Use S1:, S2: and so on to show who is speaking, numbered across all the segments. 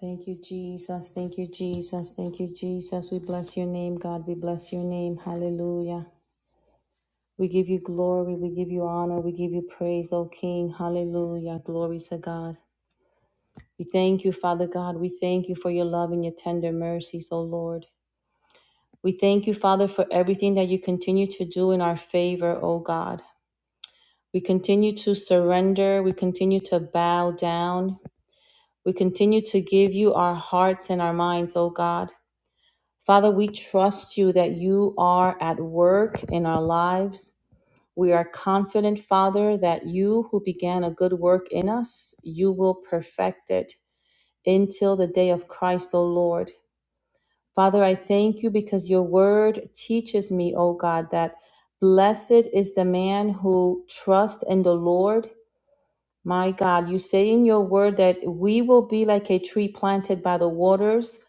S1: Thank you, Jesus. Thank you, Jesus. Thank you, Jesus. We bless your name, God. We bless your name. Hallelujah. We give you glory. We give you honor. We give you praise, O King. Hallelujah. Glory to God. We thank you, Father God. We thank you for your love and your tender mercies, O Lord. We thank you, Father, for everything that you continue to do in our favor, O God. We continue to surrender. We continue to bow down. We continue to give you our hearts and our minds, O God. Father, we trust you that you are at work in our lives. We are confident, Father, that you who began a good work in us, you will perfect it until the day of Christ, O Lord. Father, I thank you because your word teaches me, O God, that blessed is the man who trusts in the Lord. My God, you say in your word that we will be like a tree planted by the waters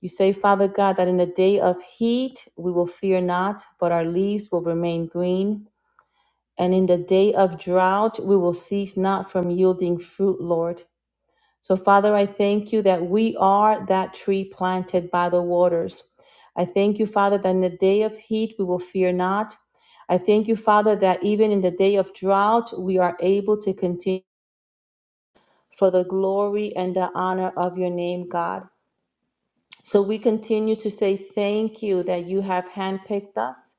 S1: you say, Father God, that in the day of heat we will fear not, but our leaves will remain green. And in the day of drought we will cease not from yielding fruit, Lord. So, Father, I thank you that we are that tree planted by the waters. I thank you, Father, that in the day of heat we will fear not. I thank you, Father, that even in the day of drought we are able to continue for the glory and the honor of your name, God. So we continue to say thank you that you have handpicked us,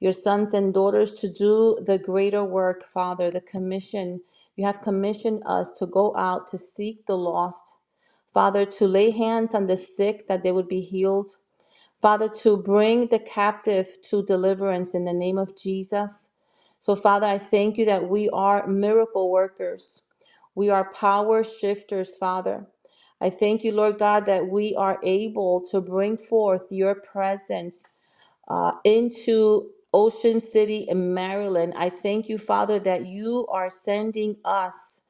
S1: your sons and daughters, to do the greater work, Father, the commission. You have commissioned us to go out to seek the lost, Father, to lay hands on the sick that they would be healed, Father, to bring the captive to deliverance in the name of Jesus. So, Father, I thank you that we are miracle workers. We are power shifters, Father. I thank you, Lord God, that we are able to bring forth your presence uh, into Ocean City in Maryland. I thank you, Father, that you are sending us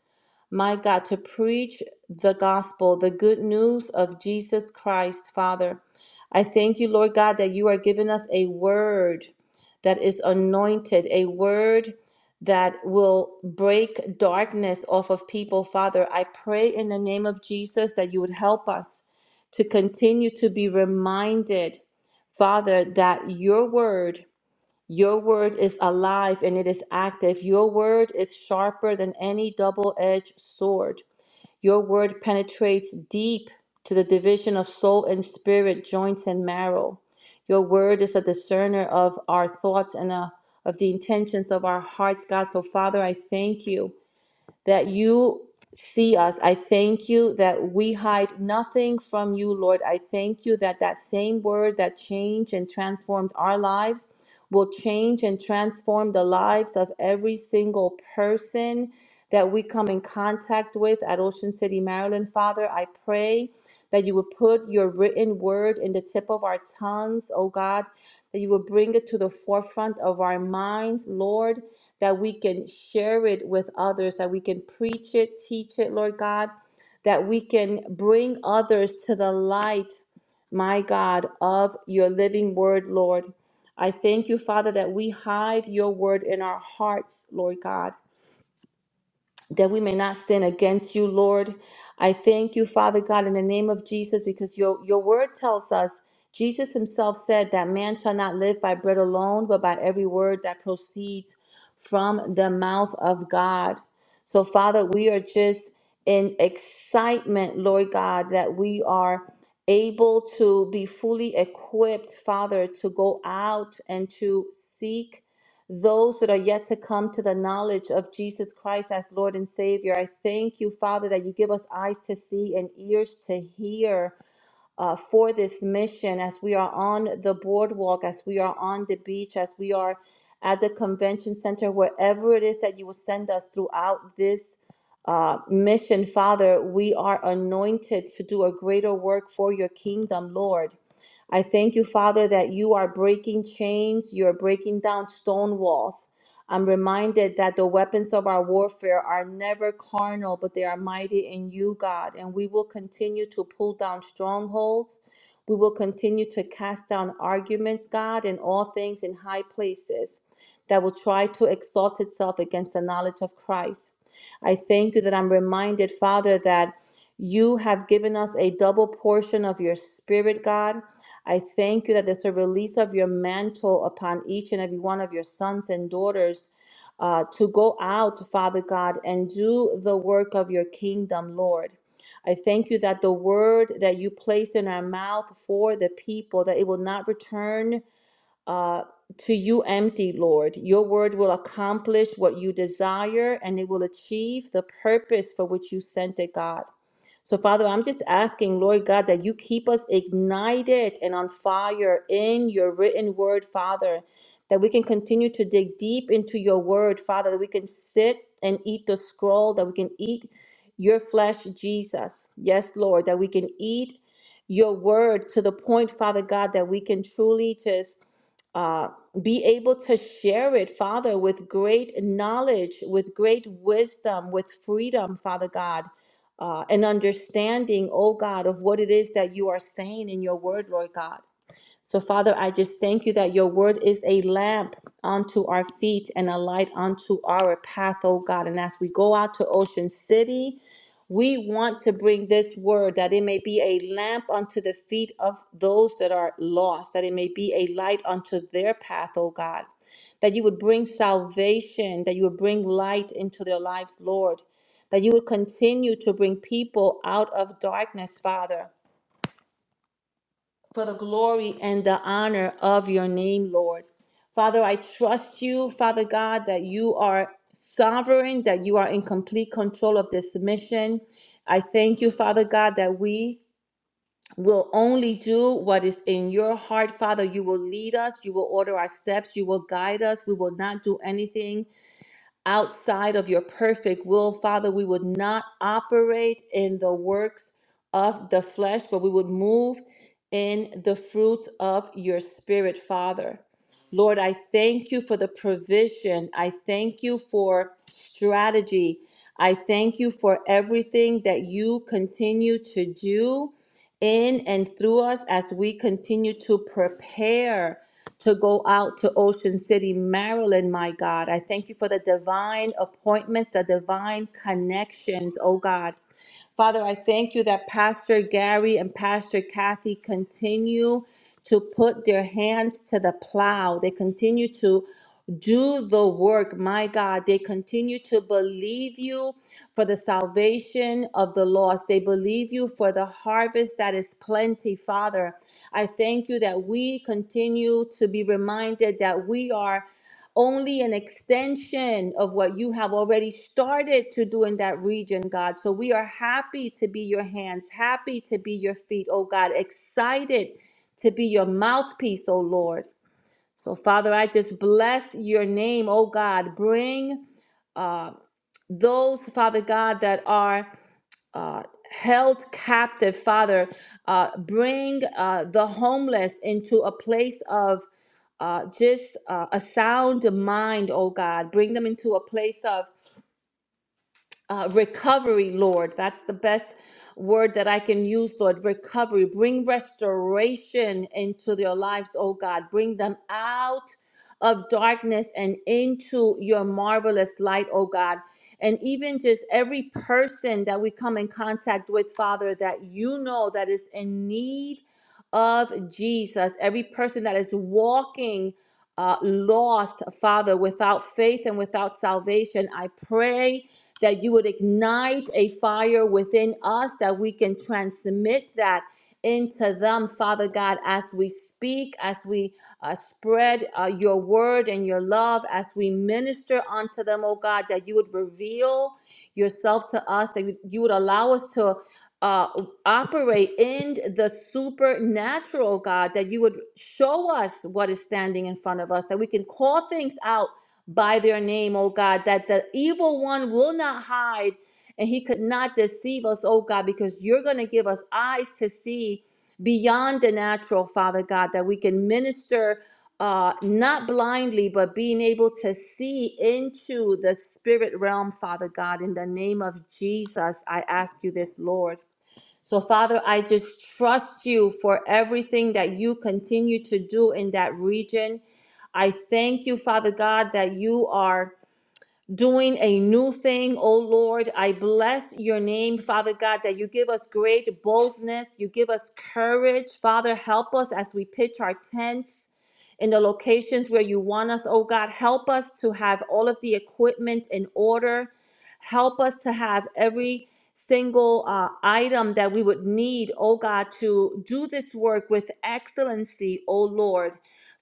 S1: my God, to preach the gospel, the good news of Jesus Christ, Father. I thank you, Lord God, that you are giving us a word that is anointed, a word that will break darkness off of people, Father. I pray in the name of Jesus that you would help us to continue to be reminded, Father, that your word. Your word is alive and it is active. Your word is sharper than any double edged sword. Your word penetrates deep to the division of soul and spirit, joints and marrow. Your word is a discerner of our thoughts and uh of the intentions of our hearts, God. So, Father, I thank you that you see us. I thank you that we hide nothing from you, Lord. I thank you that that same word that changed and transformed our lives will change and transform the lives of every single person that we come in contact with at Ocean City, Maryland. Father, I pray that you would put your written word in the tip of our tongues, oh God, that you would bring it to the forefront of our minds, Lord, that we can share it with others, that we can preach it, teach it, Lord God, that we can bring others to the light, my God, of your living word, Lord. I thank you, Father, that we hide your word in our hearts, Lord God that we may not sin against you, Lord. I thank you, Father God, in the name of Jesus, because your, your word tells us, Jesus himself said that man shall not live by bread alone, but by every word that proceeds from the mouth of God. So, Father, we are just in excitement, Lord God, that we are able to be fully equipped, Father, to go out and to seek those that are yet to come to the knowledge of Jesus Christ as Lord and Savior. I thank you, Father, that you give us eyes to see and ears to hear uh, for this mission as we are on the boardwalk, as we are on the beach, as we are at the convention center, wherever it is that you will send us throughout this uh, mission, Father, we are anointed to do a greater work for your kingdom, Lord. I thank you, Father, that you are breaking chains, you're breaking down stone walls. I'm reminded that the weapons of our warfare are never carnal, but they are mighty in you, God. And we will continue to pull down strongholds. We will continue to cast down arguments, God, and all things in high places that will try to exalt itself against the knowledge of Christ. I thank you that I'm reminded, Father, that you have given us a double portion of your spirit, God. I thank you that there's a release of your mantle upon each and every one of your sons and daughters uh, to go out, Father God, and do the work of your kingdom, Lord. I thank you that the word that you placed in our mouth for the people, that it will not return uh, to you empty, Lord. Your word will accomplish what you desire and it will achieve the purpose for which you sent it, God. So, Father, I'm just asking, Lord God, that you keep us ignited and on fire in your written word, Father, that we can continue to dig deep into your word, Father, that we can sit and eat the scroll, that we can eat your flesh, Jesus. Yes, Lord, that we can eat your word to the point, Father God, that we can truly just uh, be able to share it, Father, with great knowledge, with great wisdom, with freedom, Father God, uh, and understanding, oh God, of what it is that you are saying in your word, Lord God. So, Father, I just thank you that your word is a lamp unto our feet and a light unto our path, oh God. And as we go out to Ocean City, we want to bring this word that it may be a lamp unto the feet of those that are lost, that it may be a light unto their path, oh God. That you would bring salvation, that you would bring light into their lives, Lord. That you would continue to bring people out of darkness, Father for the glory and the honor of your name, Lord. Father, I trust you, Father God, that you are sovereign, that you are in complete control of this mission. I thank you, Father God, that we will only do what is in your heart, Father. You will lead us, you will order our steps, you will guide us. We will not do anything outside of your perfect will, Father. We would not operate in the works of the flesh, but we would move in the fruits of your spirit, Father. Lord, I thank you for the provision. I thank you for strategy. I thank you for everything that you continue to do in and through us as we continue to prepare to go out to Ocean City, Maryland, my God. I thank you for the divine appointments, the divine connections, oh God. Father, I thank you that Pastor Gary and Pastor Kathy continue to put their hands to the plow. They continue to do the work, my God. They continue to believe you for the salvation of the lost. They believe you for the harvest that is plenty, Father. I thank you that we continue to be reminded that we are only an extension of what you have already started to do in that region, God. So we are happy to be your hands, happy to be your feet, oh God, excited to be your mouthpiece, oh Lord. So, Father, I just bless your name, oh God. Bring uh, those, Father God, that are uh, held captive, Father, uh, bring uh, the homeless into a place of uh, just uh, a sound mind, oh God. Bring them into a place of uh, recovery, Lord. That's the best word that I can use, Lord. Recovery. Bring restoration into their lives, oh God. Bring them out of darkness and into your marvelous light, oh God. And even just every person that we come in contact with, Father, that you know that is in need of Jesus, every person that is walking uh, lost, Father, without faith and without salvation, I pray that you would ignite a fire within us, that we can transmit that into them, Father God, as we speak, as we uh, spread uh, your word and your love, as we minister unto them, oh God, that you would reveal yourself to us, that you would allow us to uh, operate in the supernatural, God, that you would show us what is standing in front of us, that we can call things out by their name, oh God, that the evil one will not hide and he could not deceive us, oh God, because you're going to give us eyes to see beyond the natural, Father God, that we can minister uh, not blindly, but being able to see into the spirit realm, Father God. In the name of Jesus, I ask you this, Lord. So, Father, I just trust you for everything that you continue to do in that region. I thank you, Father God, that you are doing a new thing, oh Lord. I bless your name, Father God, that you give us great boldness, you give us courage. Father, help us as we pitch our tents in the locations where you want us, oh God. Help us to have all of the equipment in order. Help us to have every single uh, item that we would need, oh God, to do this work with excellency, oh Lord.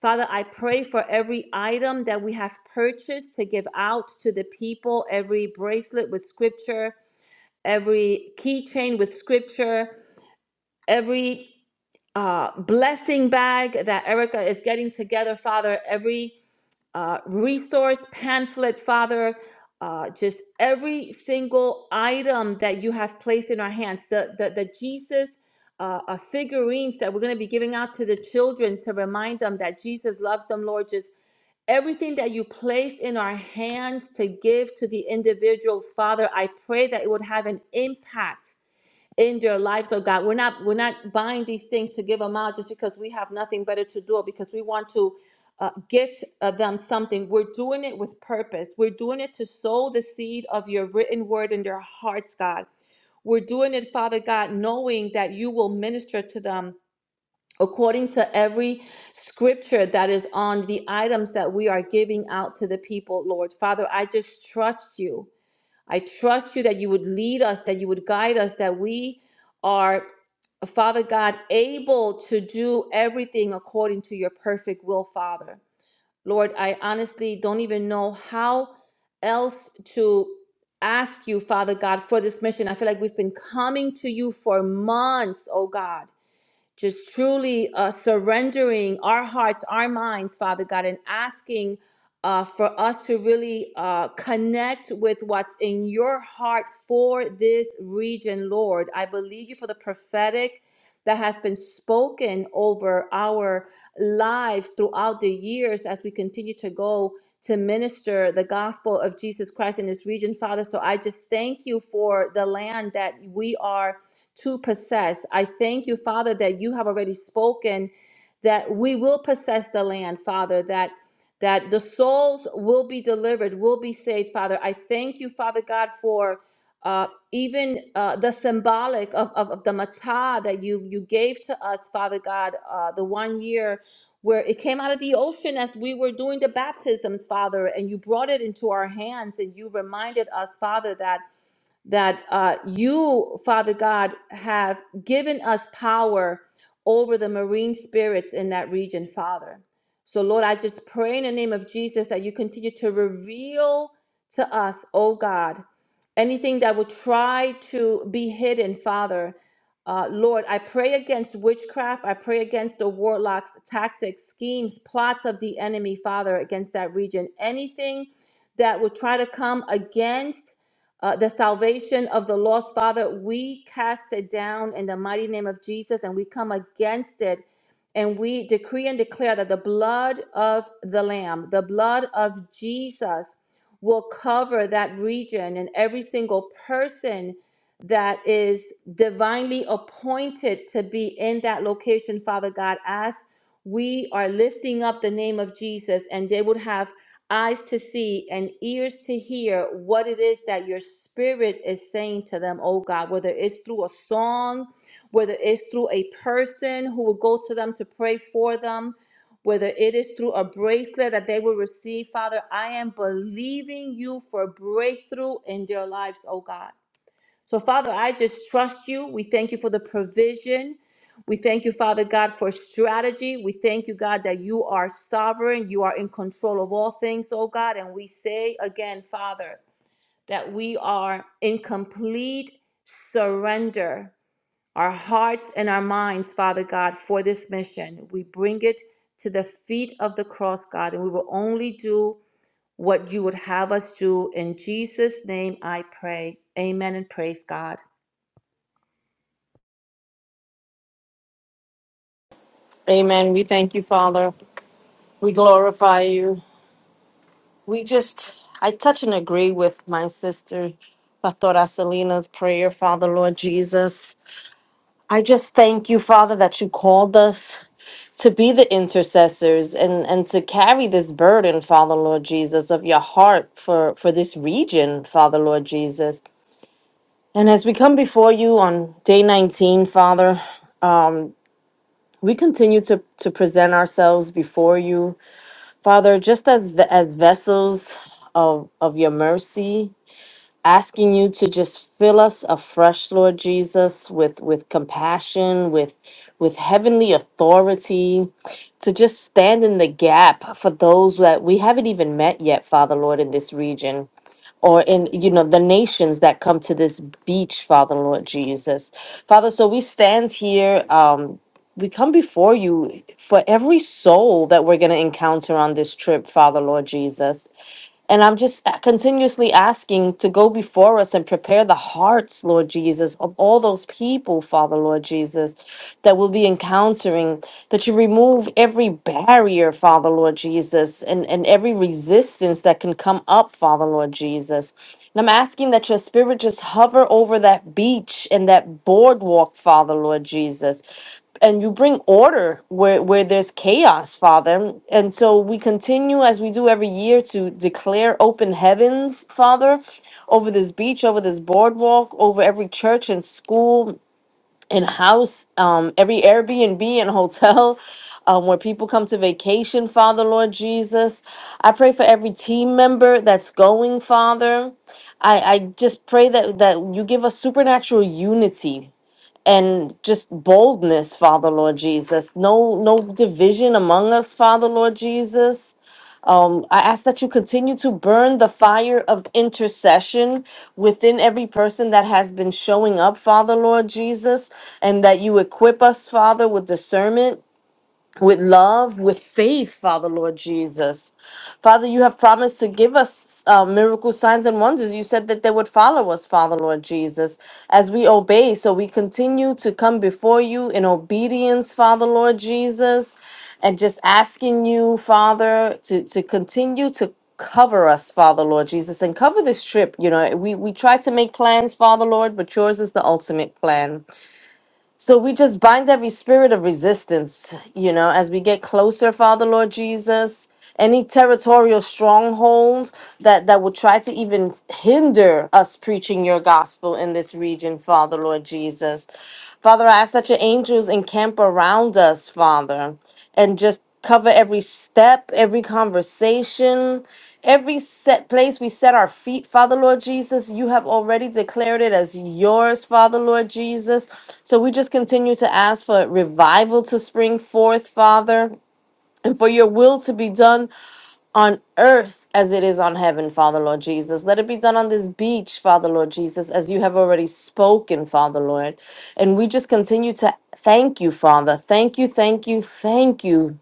S1: Father, I pray for every item that we have purchased to give out to the people, every bracelet with scripture, every keychain with scripture, every uh, blessing bag that Erica is getting together, Father, every uh, resource pamphlet, Father, uh, just every single item that you have placed in our hands, the the, the Jesus uh, uh, figurines that we're going to be giving out to the children to remind them that Jesus loves them, Lord. Just everything that you place in our hands to give to the individuals, Father, I pray that it would have an impact in their lives, oh God. We're not we're not buying these things to give them out just because we have nothing better to do, because we want to uh, gift uh, them something. We're doing it with purpose. We're doing it to sow the seed of your written word in their hearts, God. We're doing it, Father God, knowing that you will minister to them according to every scripture that is on the items that we are giving out to the people, Lord. Father, I just trust you. I trust you that you would lead us, that you would guide us, that we are, Father God, able to do everything according to your perfect will, Father. Lord, I honestly don't even know how else to ask you, Father God, for this mission. I feel like we've been coming to you for months, oh God just truly uh, surrendering our hearts, our minds, Father God, and asking uh, for us to really uh, connect with what's in your heart for this region, Lord. I believe you for the prophetic that has been spoken over our lives throughout the years as we continue to go to minister the gospel of Jesus Christ in this region, Father. So I just thank you for the land that we are to possess. I thank you, Father, that you have already spoken that we will possess the land, Father, that that the souls will be delivered, will be saved, Father. I thank you, Father God, for uh, even uh, the symbolic of, of, of the matah that you you gave to us, Father God, uh, the one year where it came out of the ocean as we were doing the baptisms, Father, and you brought it into our hands and you reminded us, Father, that that uh, you, Father God, have given us power over the marine spirits in that region, Father. So, Lord, I just pray in the name of Jesus that you continue to reveal to us, oh God, anything that would try to be hidden, Father. Uh, Lord, I pray against witchcraft. I pray against the warlocks, tactics, schemes, plots of the enemy, Father, against that region. Anything that would try to come against uh, the salvation of the lost. Father, we cast it down in the mighty name of Jesus and we come against it. And we decree and declare that the blood of the Lamb, the blood of Jesus, will cover that region and every single person that is divinely appointed to be in that location, Father God, as we are lifting up the name of Jesus and they would have eyes to see and ears to hear what it is that your spirit is saying to them, oh God, whether it's through a song, whether it's through a person who will go to them to pray for them, whether it is through a bracelet that they will receive, Father, I am believing you for breakthrough in their lives, oh God. So, Father, I just trust you. We thank you for the provision. We thank you, Father God, for strategy. We thank you, God, that you are sovereign. You are in control of all things, oh God. And we say again, Father, that we are in complete surrender, our hearts and our minds, Father God, for this mission. We bring it to the feet of the cross, God, and we will only do what you would have us do. In Jesus' name I pray. Amen and praise God.
S2: Amen. We thank you, Father. We glorify you. We just, I touch and agree with my sister, Pastora Selena's prayer, Father, Lord Jesus. I just thank you, Father, that you called us to be the intercessors and, and to carry this burden, Father, Lord Jesus, of your heart for, for this region, Father, Lord Jesus. And as we come before you on day 19, Father, we continue to, to present ourselves before you Father, just as as vessels of of your mercy, asking you to just fill us afresh, Lord Jesus, with with compassion, with with heavenly authority, to just stand in the gap for those that we haven't even met yet, Father Lord, in this region or in you know the nations that come to this beach father lord jesus father so we stand here um we come before you for every soul that we're going to encounter on this trip father lord jesus and I'm just a- continuously asking to go before us and prepare the hearts, Lord Jesus, of all those people, Father, Lord Jesus, that we'll be encountering, that you remove every barrier, Father, Lord Jesus, and, and every resistance that can come up, Father, Lord Jesus. And I'm asking that your spirit just hover over that beach and that boardwalk, Father, Lord Jesus and you bring order where, where there's chaos, Father. And so we continue as we do every year to declare open heavens, Father, over this beach, over this boardwalk, over every church and school and house, um, every Airbnb and hotel. Um, where people come to vacation, Father, Lord Jesus. I pray for every team member that's going, Father. I, I just pray that, that you give us supernatural unity and just boldness, Father Lord Jesus. No, no division among us, Father Lord Jesus. Um, I ask that you continue to burn the fire of intercession within every person that has been showing up, Father Lord Jesus, and that you equip us, Father, with discernment with love, with faith, Father Lord Jesus. Father, you have promised to give us uh, miracle signs and wonders. You said that they would follow us, Father Lord Jesus, as we obey. So we continue to come before you in obedience, Father Lord Jesus, and just asking you, Father, to, to continue to cover us father lord jesus and cover this trip you know we we try to make plans father lord but yours is the ultimate plan so we just bind every spirit of resistance, you know, as we get closer, Father Lord Jesus. Any territorial stronghold that that would try to even hinder us preaching your gospel in this region, Father Lord Jesus. Father, I ask that your angels encamp around us, Father, and just cover every step, every conversation, Every set place we set our feet, Father Lord Jesus, you have already declared it as yours, Father Lord Jesus. So we just continue to ask for revival to spring forth, Father, and for your will to be done on earth as it is on heaven, Father Lord Jesus. Let it be done on this beach, Father Lord Jesus, as you have already spoken, Father Lord. And we just continue to thank you, Father. Thank you, thank you, thank you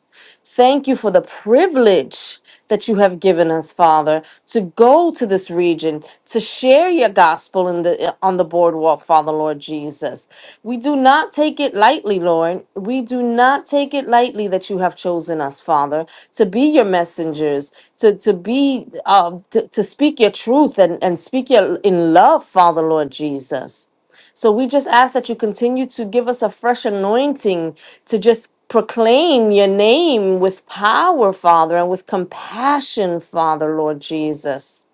S2: Thank you for the privilege that you have given us, Father, to go to this region, to share your gospel in the, on the boardwalk, Father, Lord Jesus. We do not take it lightly, Lord. We do not take it lightly that you have chosen us, Father, to be your messengers, to, to be, uh, to, to speak your truth and, and speak your, in love, Father, Lord Jesus. So we just ask that you continue to give us a fresh anointing to just proclaim your name with power, Father, and with compassion, Father, Lord Jesus.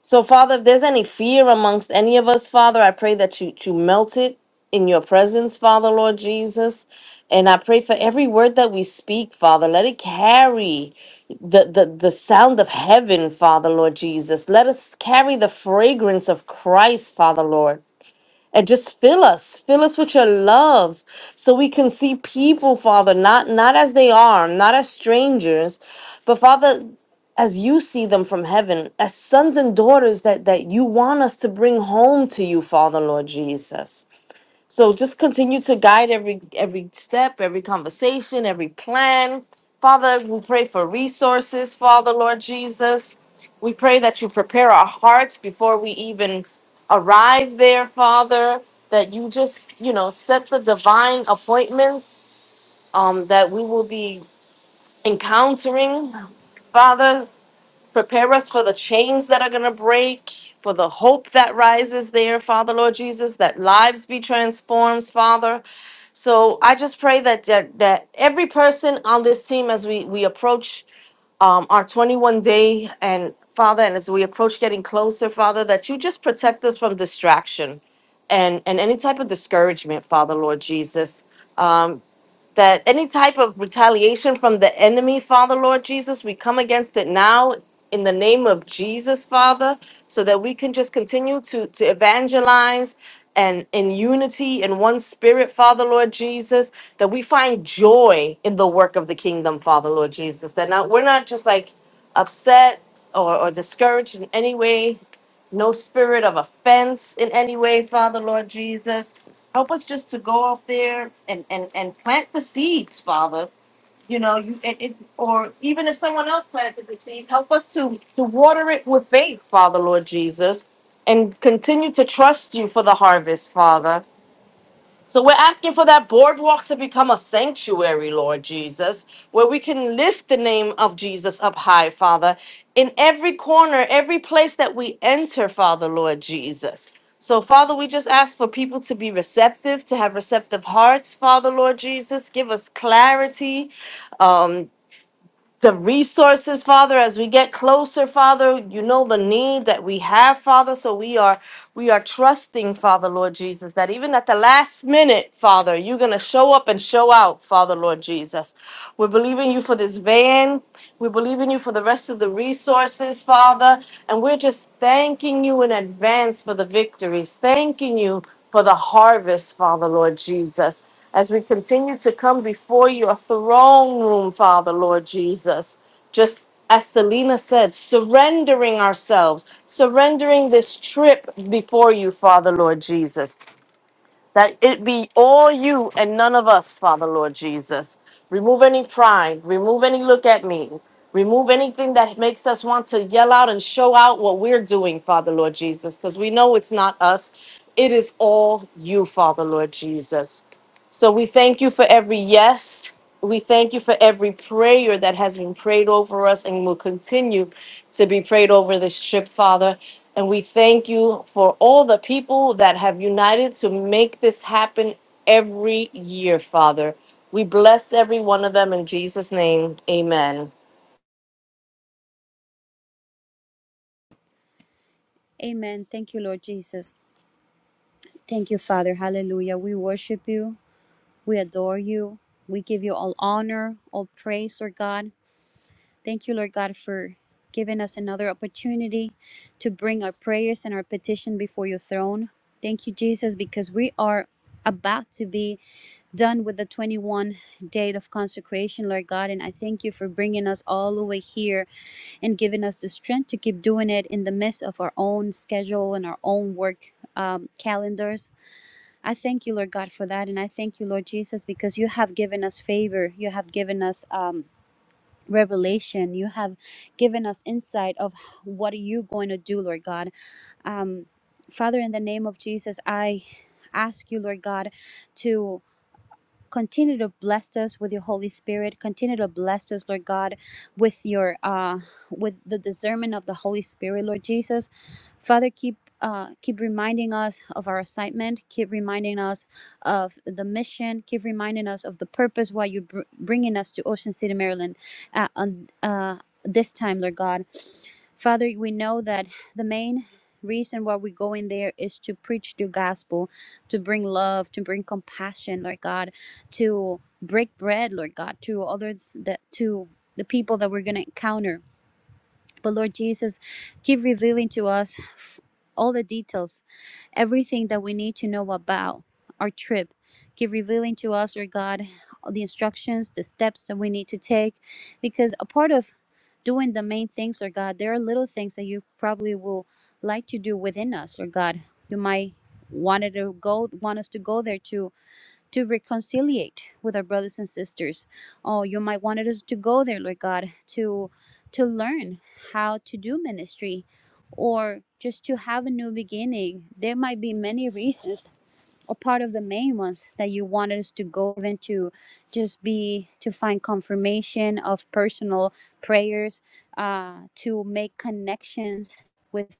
S2: So, Father, if there's any fear amongst any of us, Father, I pray that you, you melt it in your presence, Father, Lord Jesus. And I pray for every word that we speak, Father, let it carry the, the, the sound of heaven, Father, Lord Jesus. Let us carry the fragrance of Christ, Father, Lord. And just fill us, fill us with your love so we can see people, Father, not not as they are, not as strangers, but Father, as you see them from heaven, as sons and daughters that that you want us to bring home to you, Father Lord Jesus. So just continue to guide every every step, every conversation, every plan. Father, we pray for resources, Father Lord Jesus. We pray that you prepare our hearts before we even arrive there, Father, that you just, you know, set the divine appointments um, that we will be encountering. Father, prepare us for the chains that are going to break, for the hope that rises there, Father Lord Jesus, that lives be transformed, Father so I just pray that that, that every person on this team, as we we approach um, our 21 day, and Father, and as we approach getting closer, Father, that you just protect us from distraction, and and any type of discouragement, Father, Lord Jesus. Um, that any type of retaliation from the enemy, Father Lord Jesus, we come against it now in the name of Jesus, Father, so that we can just continue to to evangelize and in unity in one spirit, Father Lord Jesus, that we find joy in the work of the kingdom, Father Lord Jesus. That not we're not just like upset or, or discouraged in any way, no spirit of offense in any way, Father Lord Jesus help us just to go off there and and and plant the seeds father you know you it, it, or even if someone else planted the seed help us to to water it with faith father lord jesus and continue to trust you for the harvest father so we're asking for that boardwalk to become a sanctuary, Lord Jesus, where we can lift the name of Jesus up high, Father, in every corner, every place that we enter, Father, Lord Jesus. So, Father, we just ask for people to be receptive, to have receptive hearts, Father, Lord Jesus. Give us clarity, um, the resources, Father, as we get closer, Father. You know the need that we have, Father. So we are we are trusting, Father, Lord Jesus, that even at the last minute, Father, you're going to show up and show out, Father, Lord Jesus. We're believing you for this van. We believe in you for the rest of the resources, Father. And we're just thanking you in advance for the victories, thanking you for the harvest, Father, Lord Jesus. As we continue to come before your throne room, Father, Lord Jesus just as Selena said, surrendering ourselves, surrendering this trip before you, Father Lord Jesus, that it be all you and none of us, Father Lord Jesus. Remove any pride, remove any look at me, remove anything that makes us want to yell out and show out what we're doing, Father Lord Jesus, because we know it's not us. It is all you, Father Lord Jesus. So we thank you for every yes. We thank you for every prayer that has been prayed over us and will continue to be prayed over this trip, Father. And we thank you for all the people that have united to make this happen every year, Father. We bless every one of them in Jesus' name. Amen.
S3: Amen. Thank you, Lord Jesus. Thank you, Father. Hallelujah. We worship you. We adore you. We give you all honor, all praise, Lord God. Thank you, Lord God, for giving us another opportunity to bring our prayers and our petition before your throne. Thank you, Jesus, because we are about to be done with the 21 date of consecration, Lord God. And I thank you for bringing us all the way here and given us the strength to keep doing it in the midst of our own schedule and our own work um, calendars. I thank you, Lord God, for that. And I thank you, Lord Jesus, because you have given us favor. You have given us um, revelation. You have given us insight of what are you going to do, Lord God. Um, Father, in the name of Jesus, I ask you, Lord God, to. Continue to bless us with your Holy Spirit. Continue to bless us, Lord God, with your uh, with the discernment of the Holy Spirit, Lord Jesus. Father, keep uh, keep reminding us of our assignment. Keep reminding us of the mission. Keep reminding us of the purpose why you're br- bringing us to Ocean City, Maryland, uh, on uh, this time, Lord God. Father, we know that the main reason why we go in there is to preach the gospel, to bring love, to bring compassion, Lord God, to break bread, Lord God, to others that to the people that we're going to encounter. But Lord Jesus, keep revealing to us f- all the details everything that we need to know about our trip. Keep revealing to us, Lord God, the instructions, the steps that we need to take, because a part of doing the main things, Lord God, there are little things that you probably will like to do within us, Lord God. You might wanted to go, want us to go there to to reconciliate with our brothers and sisters. Oh, you might wanted us to go there, Lord God, to to learn how to do ministry or just to have a new beginning. There might be many reasons or part of the main ones that you wanted us to go even to just be to find confirmation of personal prayers, uh, to make connections with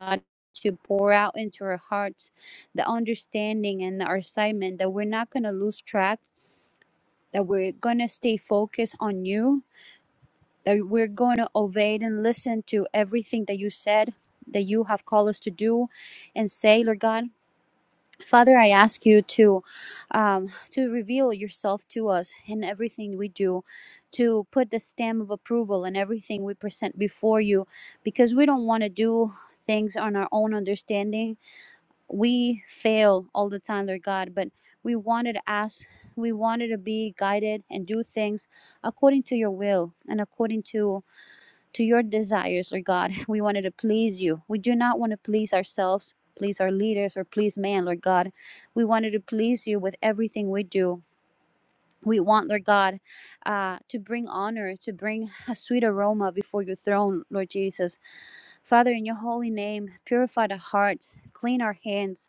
S3: God to pour out into our hearts the understanding and the assignment that we're not going to lose track, that we're going to stay focused on you, that we're going to obey and listen to everything that you said, that you have called us to do and say, Lord God. Father, I ask you to um, to reveal yourself to us in everything we do, to put the stamp of approval in everything we present before you, because we don't want to do things on our own understanding we fail all the time, Lord God, but we wanted to ask, we wanted to be guided and do things according to your will and according to to your desires, Lord God. We wanted to please you. We do not want to please ourselves, please our leaders, or please man, Lord God. We wanted to please you with everything we do. We want, Lord God, uh, to bring honor, to bring a sweet aroma before your throne, Lord Jesus. Father, in your holy name, purify the hearts, clean our hands,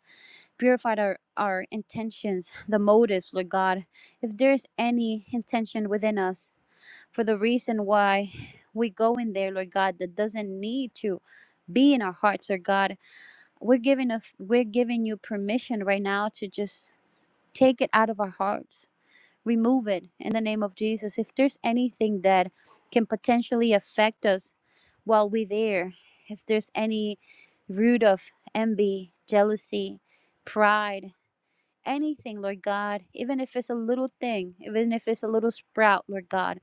S3: purified our, our intentions, the motives, Lord God. If there's any intention within us for the reason why we go in there, Lord God, that doesn't need to be in our hearts, Lord God, we're giving a, we're giving you permission right now to just take it out of our hearts. Remove it in the name of Jesus. If there's anything that can potentially affect us while we're there, if there's any root of envy, jealousy, pride, anything, Lord God, even if it's a little thing, even if it's a little sprout, Lord God.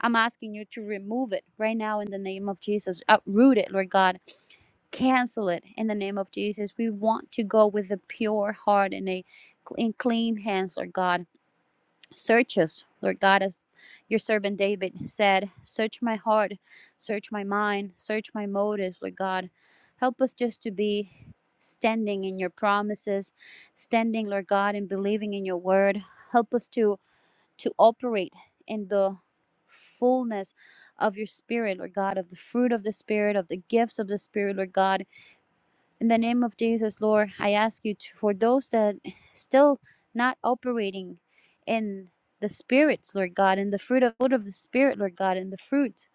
S3: I'm asking you to remove it right now in the name of Jesus. Uproot it, Lord God. Cancel it in the name of Jesus. We want to go with a pure heart and a cl- and clean hands, Lord God. Search us, Lord God, as your servant David said, Search my heart, search my mind, search my motives, Lord God. Help us just to be standing in your promises, standing, Lord God, and believing in your word. Help us to to operate in the fullness of your spirit, Lord God, of the fruit of the spirit, of the gifts of the spirit, Lord God in the name of Jesus, Lord, I ask you to, for those that still not operating in the spirits, Lord God, in the fruit of, fruit of the spirit, Lord God, in the fruit,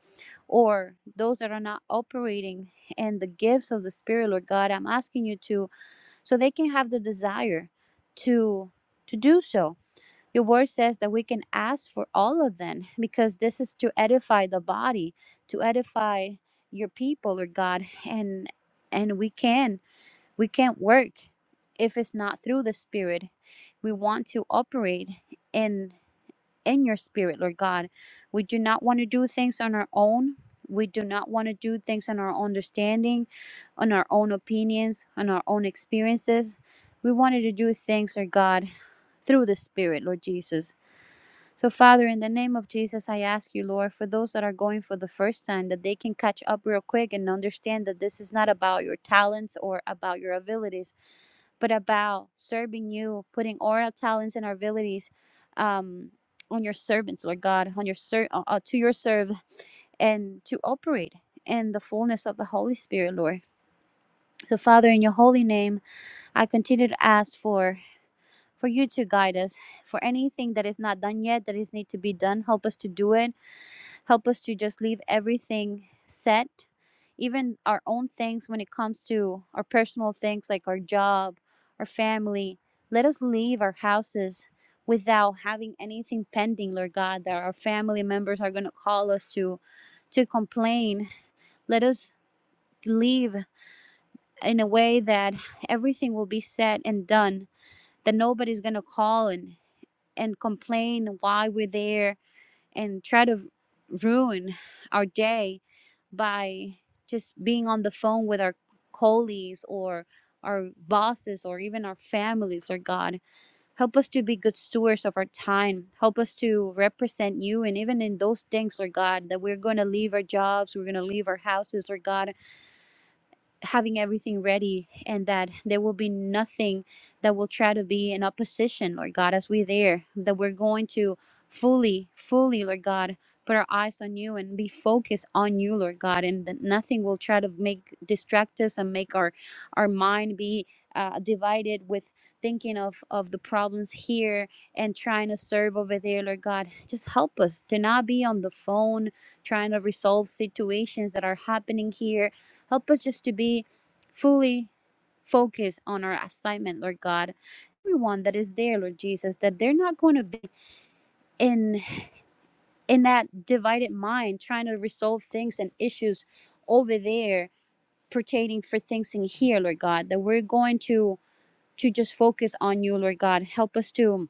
S3: or those that are not operating in the gifts of the spirit, Lord God, I'm asking you to, so they can have the desire to to do so. Your word says that we can ask for all of them because this is to edify the body, to edify your people, Lord God, and and we can we can't work if it's not through the Spirit. We want to operate in in your spirit, Lord God. We do not want to do things on our own. We do not want to do things on our own understanding, on our own opinions, on our own experiences. We wanted to do things, Lord God, through the Spirit, Lord Jesus. So, Father, in the name of Jesus, I ask you, Lord, for those that are going for the first time, that they can catch up real quick and understand that this is not about your talents or about your abilities but about serving you, putting all our talents and our abilities um, on your servants, Lord God, on your ser- uh, uh, to your serve and to operate in the fullness of the Holy Spirit, Lord. So, Father, in your holy name, I continue to ask for for you to guide us for anything that is not done yet that is need to be done help us to do it Help us to just leave everything set, even our own things when it comes to our personal things like our job, our family. Let us leave our houses without having anything pending, Lord God, that our family members are going to call us to to complain. Let us leave in a way that everything will be said and done, that nobody's going to call and and complain why we're there and try to ruin our day by just being on the phone with our colleagues or our bosses or even our families, Lord God. Help us to be good stewards of our time. Help us to represent you. And even in those things, Lord God, that we're going to leave our jobs, we're going to leave our houses, Lord God having everything ready and that there will be nothing that will try to be in opposition, Lord God, as we're there, that we're going to fully, fully, Lord God, put our eyes on you and be focused on you, Lord God, and that nothing will try to make distract us and make our our mind be uh, divided with thinking of of the problems here and trying to serve over there, Lord God. Just help us to not be on the phone trying to resolve situations that are happening here Help us just to be fully focused on our assignment, Lord God. Everyone that is there, Lord Jesus, that they're not going to be in in that divided mind trying to resolve things and issues over there pertaining for things in here, Lord God. That we're going to to just focus on you, Lord God. Help us to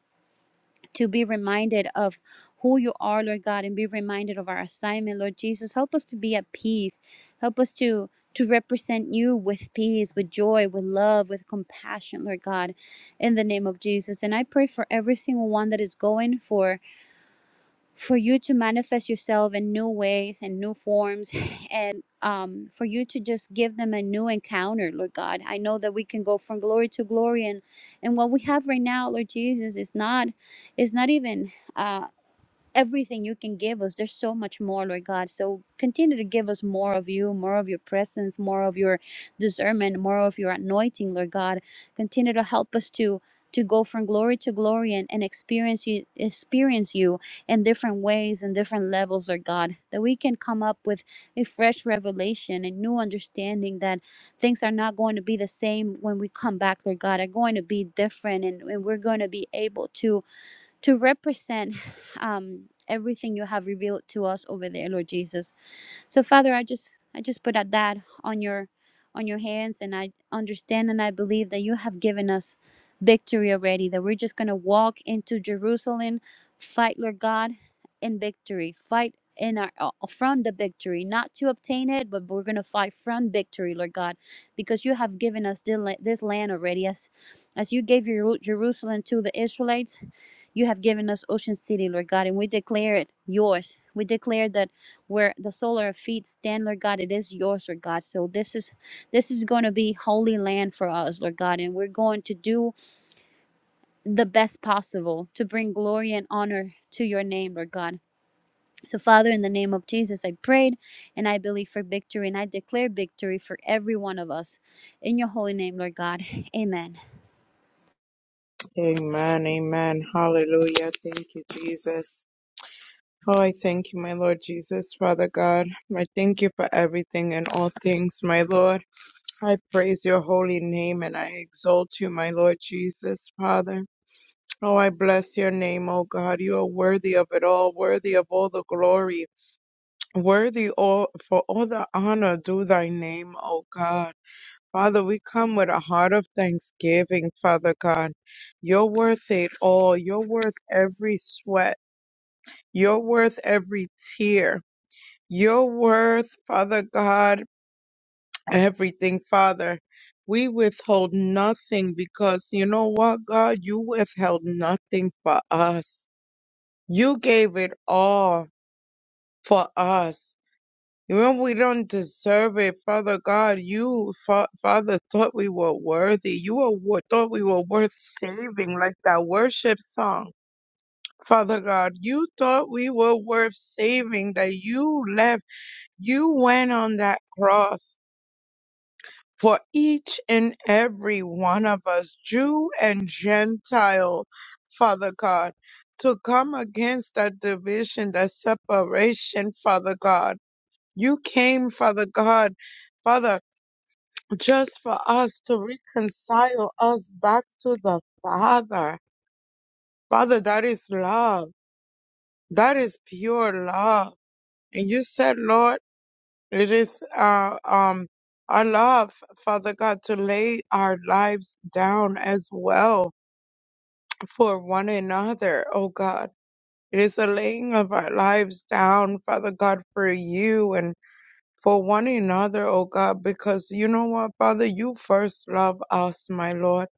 S3: to be reminded of who you are, Lord God, and be reminded of our assignment, Lord Jesus. Help us to be at peace. Help us to to represent you with peace, with joy, with love, with compassion, Lord God, in the name of Jesus. And I pray for every single one that is going for for you to manifest yourself in new ways and new forms and um, for you to just give them a new encounter lord god i know that we can go from glory to glory and and what we have right now lord jesus is not is not even Uh, everything you can give us. There's so much more, Lord God. So continue to give us more of you, more of your presence, more of your discernment, more of your anointing, Lord God. Continue to help us to to go from glory to glory and, and experience you experience you in different ways and different levels, Lord God. That we can come up with a fresh revelation and new understanding that things are not going to be the same when we come back, Lord God, are going to be different and, and we're going to be able to to represent um, everything you have revealed to us over there, Lord Jesus. So Father, I just I just put out that on your on your hands and I understand and I believe that you have given us victory already, that we're just gonna walk into Jerusalem, fight, Lord God, in victory. Fight in our uh, from the victory, not to obtain it, but we're gonna fight from victory, Lord God, because you have given us the la- this land already. As as you gave your Jerusalem to the Israelites, you have given us Ocean City, Lord God, and we declare it yours. We declare that where the sole of our feet stand, Lord God. It is yours, Lord God. So this is this is going to be holy land for us, Lord God, and we're going to do the best possible to bring glory and honor to your name, Lord God. So, Father, in the name of Jesus, I prayed and I believe for victory and I declare victory for every one of us. In your holy name, Lord God. Amen.
S4: Amen, amen. Hallelujah. Thank you, Jesus. Oh, I thank you, my Lord Jesus, Father God. I thank you for everything and all things, my Lord. I praise your holy name and I exalt you, my Lord Jesus, Father. Oh, I bless your name, oh God. You are worthy of it all, worthy of all the glory, worthy all for all the honor. Do thy name, oh God. Father, we come with a heart of thanksgiving, Father God. You're worth it all. You're worth every sweat. You're worth every tear. You're worth, Father God, everything, Father. We withhold nothing because you know what, God? You withheld nothing for us. You gave it all for us. When we don't deserve it, Father God, you, Fa- Father, thought we were worthy. You were, wor- thought we were worth saving, like that worship song. Father God, you thought we were worth saving, that you left, you went on that cross for each and every one of us, Jew and Gentile, Father God, to come against that division, that separation, Father God. You came, Father God. Father. just for us to reconcile us back to the Father. Father, that is love. That is pure love. And you said, Lord, it is uh, um our love, Father God, to lay our lives down as well for one another, oh God. It is a laying of our lives down, Father God, for you and for one another, oh God, because you know what, Father, you first love us, my Lord.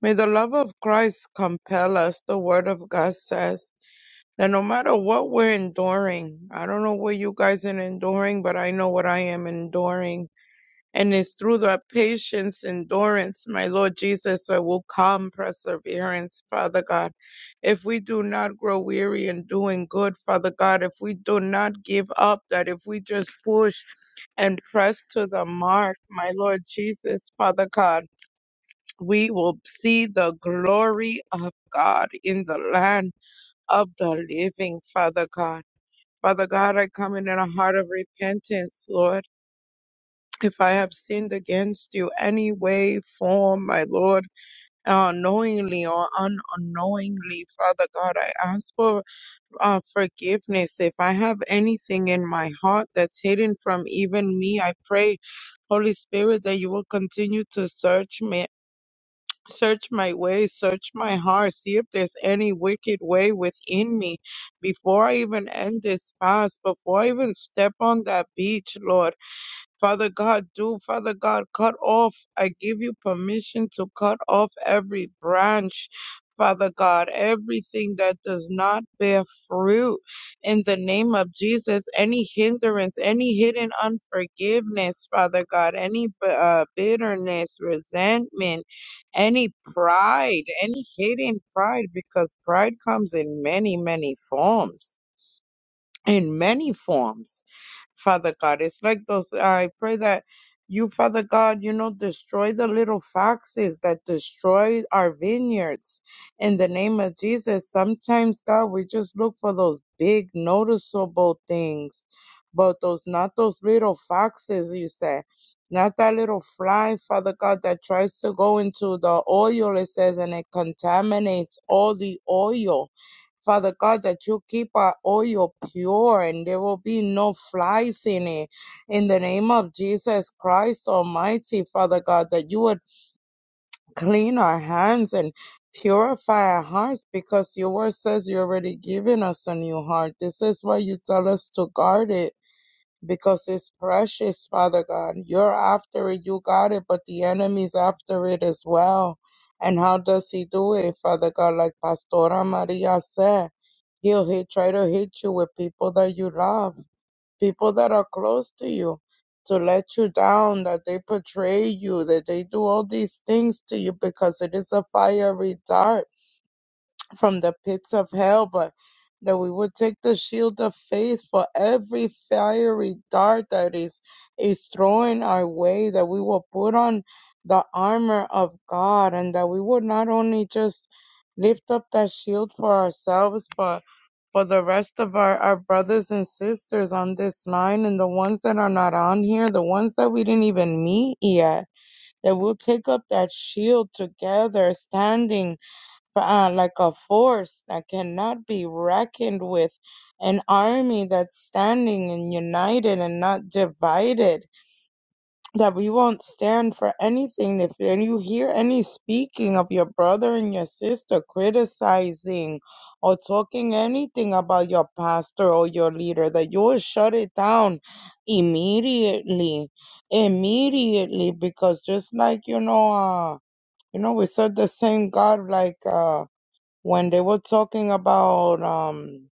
S4: May the love of Christ compel us. The word of God says that no matter what we're enduring, I don't know what you guys are enduring, but I know what I am enduring. And it's through the patience, endurance, my Lord Jesus, that will come perseverance, Father God. If we do not grow weary in doing good, Father God, if we do not give up, that if we just push and press to the mark, my Lord Jesus, Father God we will see the glory of God in the land of the living, Father God. Father God, I come in in a heart of repentance, Lord. If I have sinned against you any way, form, my Lord, uh, knowingly or unknowingly, Father God, I ask for uh, forgiveness. If I have anything in my heart that's hidden from even me, I pray Holy Spirit, that you will continue to search me Search my ways, search my heart, see if there's any wicked way within me. Before I even end this fast, before I even step on that beach, Lord, Father God, do, Father God, cut off. I give you permission to cut off every branch, Father God, everything that does not bear fruit in the name of Jesus. Any hindrance, any hidden unforgiveness, Father God, any uh, bitterness, resentment, any pride, any hidden pride, because pride comes in many, many forms. In many forms. Father God. It's like those, I pray that you, Father God, you know, destroy the little foxes that destroy our vineyards in the name of Jesus. Sometimes, God, we just look for those big, noticeable things, but those, not those little foxes, you said. Not that little fly, Father God, that tries to go into the oil, it says, and it contaminates all the oil Father God, that you keep our oil pure and there will be no flies in it. In the name of Jesus Christ Almighty, Father God, that you would clean our hands and purify our hearts because your word says you already given us a new heart. This is why you tell us to guard it because it's precious, Father God. You're after it, you got it, but the enemy's after it as well. And how does he do it, Father God? Like Pastora Maria said, he'll hit, try to hit you with people that you love, people that are close to you, to let you down, that they betray you, that they do all these things to you because it is a fiery dart from the pits of hell, but that we would take the shield of faith for every fiery dart that is is thrown our way, that we will put on the armor of God, and that we would not only just lift up that shield for ourselves, but for the rest of our, our brothers and sisters on this line and the ones that are not on here, the ones that we didn't even meet yet, that we'll take up that shield together, standing uh, like a force that cannot be reckoned with, an army that's standing and united and not divided, that we won't stand for anything. If and you hear any speaking of your brother and your sister criticizing or talking anything about your pastor or your leader, that you will shut it down immediately. Immediately, because just like you know, uh, you know, we serve the same God like uh, when they were talking about um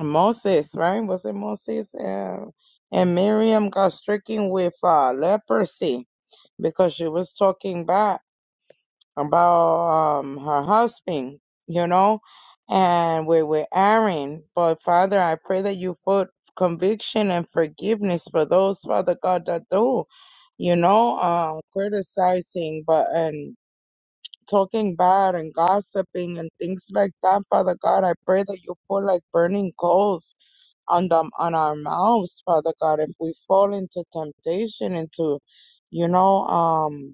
S4: Moses, right? Was it Moses and, and Miriam got stricken with uh, leprosy because she was talking back about um her husband, you know, and we were Aaron. But Father, I pray that you put conviction and forgiveness for those, Father God, that do, you know, um criticizing but and talking bad and gossiping and things like that, Father God. I pray that you put like burning coals on them on our mouths, Father God. If we fall into temptation, into you know, um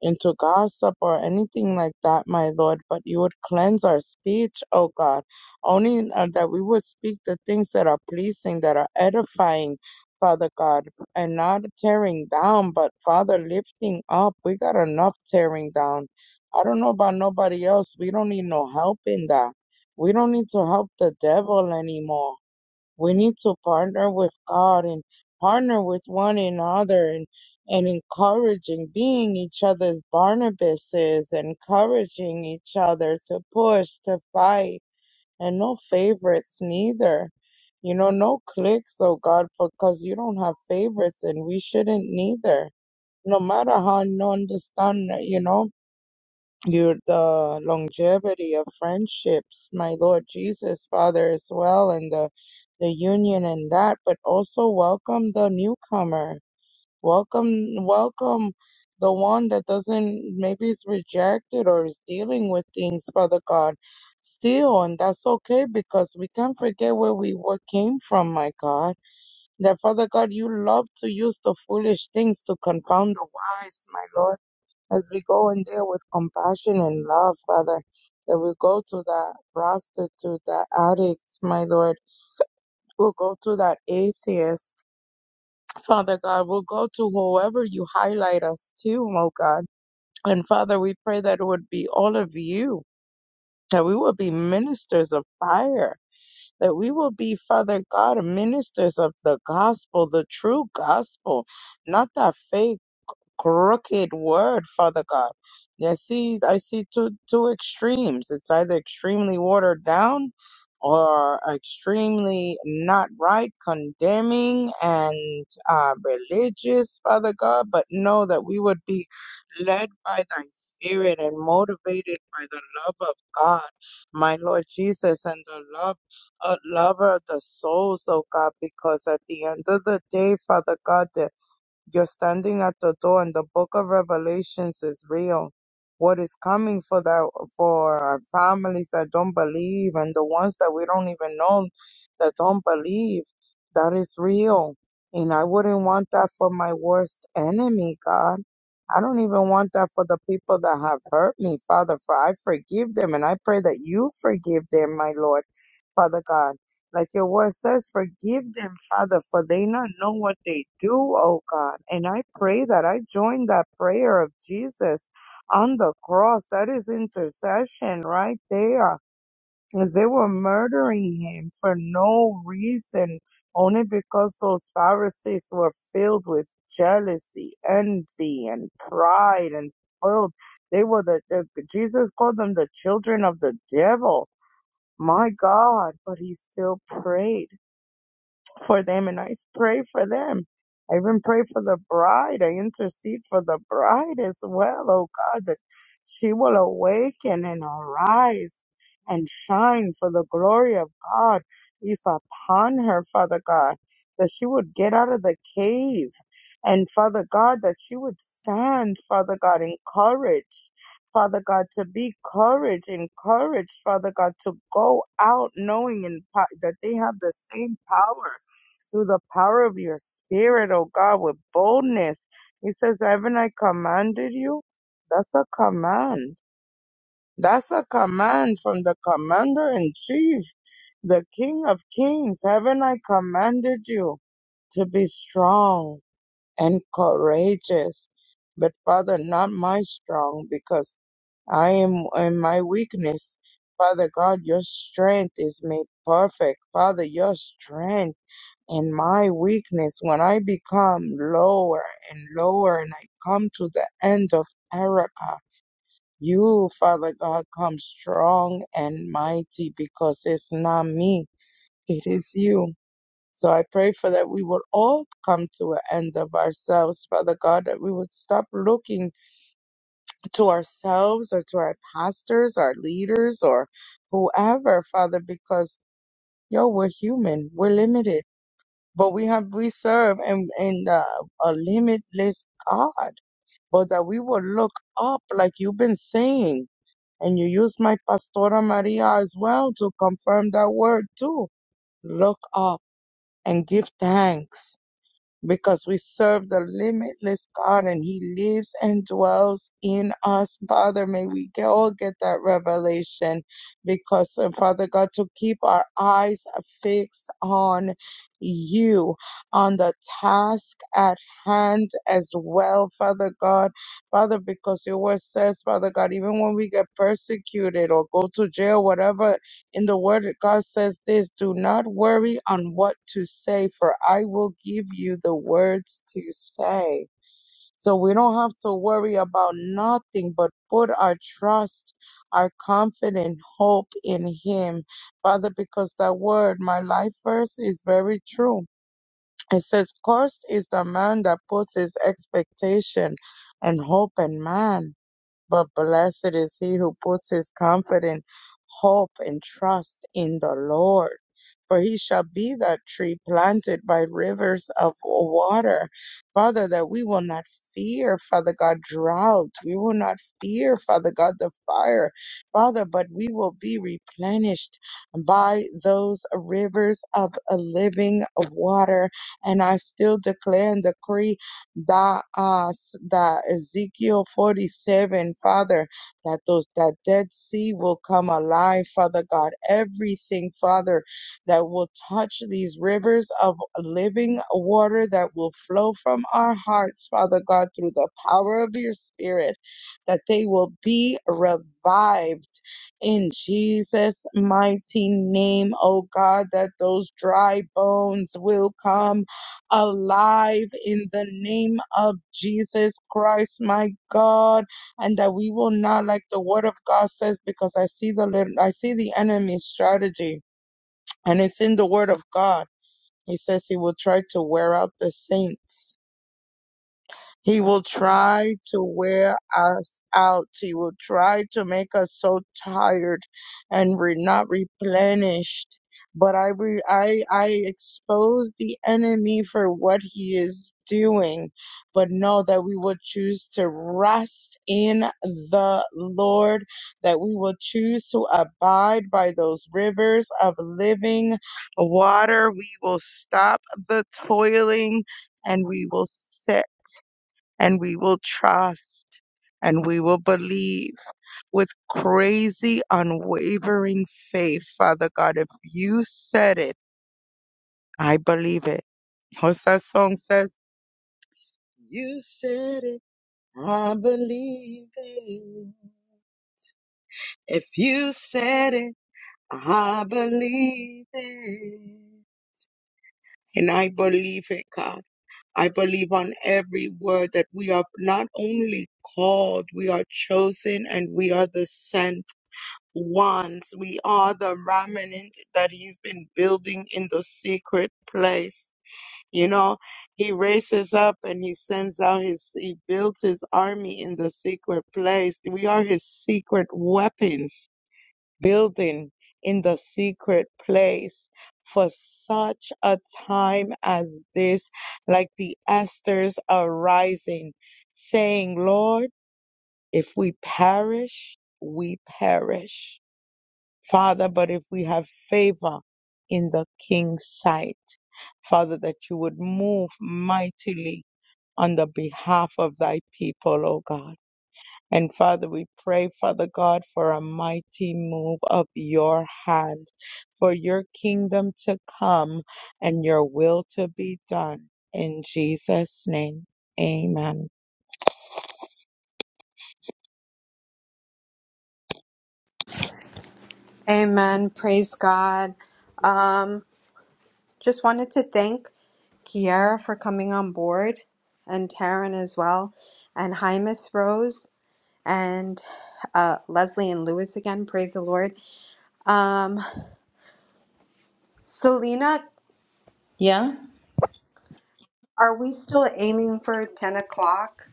S4: into gossip or anything like that, my Lord, but you would cleanse our speech, O God. Only uh, that we would speak the things that are pleasing, that are edifying, Father God, and not tearing down, but Father, lifting up. We got enough tearing down. I don't know about nobody else. We don't need no help in that. We don't need to help the devil anymore we need to partner with God and partner with one another and and encouraging being each other's Barnabases, encouraging each other to push, to fight, and no favorites neither. You know, no cliques, oh God, because you don't have favorites and we shouldn't neither. No matter how non understand, you know you the longevity of friendships, my Lord Jesus, Father, as well, and the, the union and that, but also welcome the newcomer. Welcome, welcome the one that doesn't, maybe is rejected or is dealing with things, Father God, still, and that's okay because we can't forget where we what came from, my God. That Father God, you love to use the foolish things to confound the wise, my Lord as we go in there with compassion and love, Father, that we go to that prostitute, that addict, my Lord. We'll go to that atheist, Father God. We'll go to whoever you highlight us to, oh God. And Father, we pray that it would be all of you, that we will be ministers of fire, that we will be, Father God, ministers of the gospel, the true gospel, not that fake. crooked word, Father God. Yeah, I see, I see two two extremes. It's either extremely watered down or extremely not right, condemning and uh, religious, Father God. But know that we would be led by Thy Spirit and motivated by the love of God, my Lord Jesus, and the love. A lover of the souls, oh God, because at the end of the day, Father God, you're standing at the door and the book of Revelations is real. What is coming for that for our families that don't believe and the ones that we don't even know that don't believe, that is real. And I wouldn't want that for my worst enemy, God. I don't even want that for the people that have hurt me, Father, for I forgive them and I pray that you forgive them, my Lord, Father God. Like your word says, forgive them, Father, for they not know what they do, oh God. And I pray that I join that prayer of Jesus on the cross. That is intercession right there. As they were murdering him for no reason, only because those Pharisees were filled with jealousy, envy, and pride and filled. They were the, the Jesus called them the children of the devil. My God, but he still prayed for them and I pray for them. I even pray for the bride. I intercede for the bride as well, oh God, that she will awaken and arise and shine for the glory of God is upon her, Father God, that she would get out of the cave and Father God, that she would stand, Father God, in courage. Father God, to be courage, encouraged, Father God, to go out knowing in, po- that they have the same power through the power of your spirit, oh God, with boldness. He says, Haven't I commanded you? That's a command. That's a command from the commander in chief, the king of kings. Haven't I commanded you to be strong and courageous? But Father, not my strong, because I am in my weakness. Father God, your strength is made perfect. Father, your strength. And my weakness, when I become lower and lower and I come to the end of Erica, you, Father God, come strong and mighty because it's not me, it is you. So I pray for that we will all come to an end of ourselves, Father God, that we would stop looking to ourselves or to our pastors, our leaders, or whoever, Father, because yo, we're human, we're limited but we have we serve and and uh, a limitless God, but that we will look up like you've been saying, and you use my Pastora Maria as well to confirm that word too. Look up and give thanks because we serve the limitless God and He lives and dwells in us. Father, may we get- all get that revelation because, uh, Father God, to keep our eyes fixed on you, on the task at hand as well, Father God. Father, because your word says, Father God, even when we get persecuted or go to jail, whatever in the word god says this do not worry on what to say for i will give you the words to say so we don't have to worry about nothing but put our trust our confident hope in him father because that word my life verse is very true it says cursed is the man that puts his expectation and hope in man but blessed is he who puts his confident hope and trust in the Lord. For he shall be that tree planted by rivers of water. Father, that we will not fear, Father God, drought. We will not fear, Father God, the fire. Father, but we will be replenished by those rivers of a living water. And I still declare and decree that uh s- that Ezekiel 47 father that those that dead sea will come alive father god everything father that will touch these rivers of living water that will flow from our hearts father god through the power of your spirit that they will be revived in Jesus mighty name oh god that those dry bones will come alive in the name of Jesus Christ, my God, and that we will not, like the word of God says, because I see the lit- I see the enemy's strategy, and it's in the word of God. He says he will try to wear out the saints he will try to wear us out. He will try to make us so tired and we're not replenished. But I, re- I, I expose the enemy for what he is doing, but know that we will choose to rest in the Lord, that we will choose to abide by those rivers of living water. We will stop the toiling and we will sit and we will trust and we will believe with crazy, unwavering faith, Father God. If you said it, I believe it. What's that song says? You said it, I believe it. If you said it, I believe it. And I believe it, God. I believe on every word that we are not only called, we are chosen and we are the sent. ones. We are the remnant that he's been building in the secret place. You know, he raises up and he sends out his, he builds his army in the secret place. We are his secret weapons building in the secret place for such a time as this, like the asters arising, saying, Lord, if we perish, we perish Father, but if we have favor in the king's sight, Father, that you would move mightily on the behalf of thy people, O God. And Father, we pray, Father God, for a mighty move of your hand, for your kingdom to come and your will to be done. In Jesus' name, amen.
S5: Amen. Praise God. Um, just wanted to thank Kiara for coming on board and Taryn as well, and hi, Miss Rose, and uh, Leslie and Lewis again. Praise the Lord. Um, Selena,
S1: Yeah.
S5: are we still aiming for 10 o'clock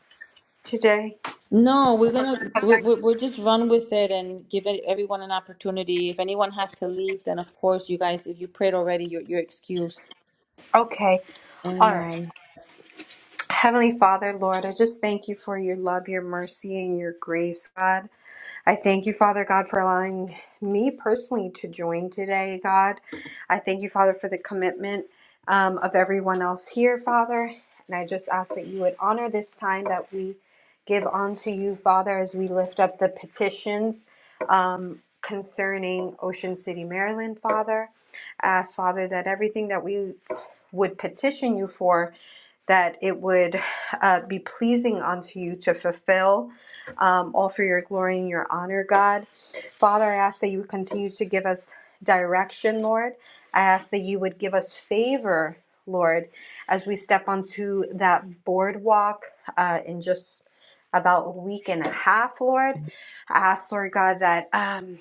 S5: today?
S1: No, we're gonna we we we'll just run with it and give it- everyone an opportunity. If anyone has to leave, then of course you guys, if you prayed already, you're you're excused.
S5: Okay. All right.
S1: Amen.
S5: Heavenly Father, Lord, I just thank you for your love, your mercy, and your grace, God. I thank you, Father God, for allowing me personally to join today, God. I thank you, Father, for the commitment um, of everyone else here, Father. And I just ask that you would honor this time that we give unto you, Father, as we lift up the petitions um, concerning Ocean City, Maryland, Father. I ask, Father, that everything that we would petition you for that it would uh, be pleasing unto you to fulfill um, all for your glory and your honor, God. Father, I ask that you would continue to give us direction, Lord. I ask that you would give us favor, Lord, as we step onto that boardwalk uh, in just about a week and a half, Lord. I ask, Lord God, that um,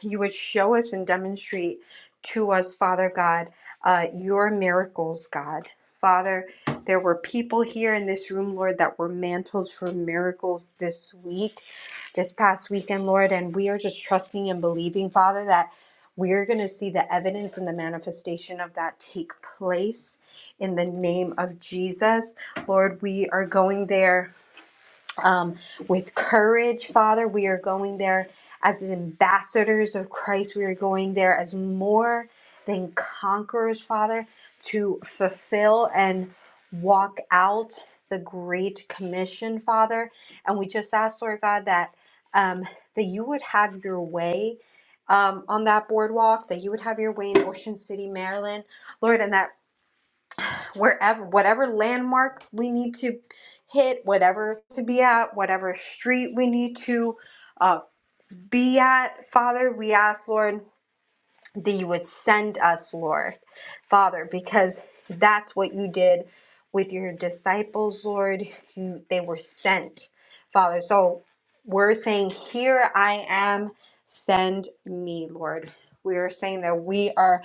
S5: you would show us and demonstrate to us, Father God, uh, your miracles, God. Father, there were people here in this room, Lord, that were mantles for miracles this week, this past weekend, Lord. And we are just trusting and believing, Father, that we're going to see the evidence and the manifestation of that take place in the name of Jesus. Lord, we are going there um, with courage, Father. We are going there as ambassadors of Christ. We are going there as more than conquerors, Father, to fulfill and walk out the Great Commission, Father. And we just ask, Lord God, that um, that you would have your way. Um, on that boardwalk, that you would have your way in Ocean City, Maryland, Lord, and that wherever whatever landmark we need to hit whatever to be at whatever street we need to uh, be at father we ask lord that you would send us, Lord, Father, because that's what you did with your disciples, Lord. You they were sent, Father. So we're saying, Here I am, send me, Lord. We are saying that we are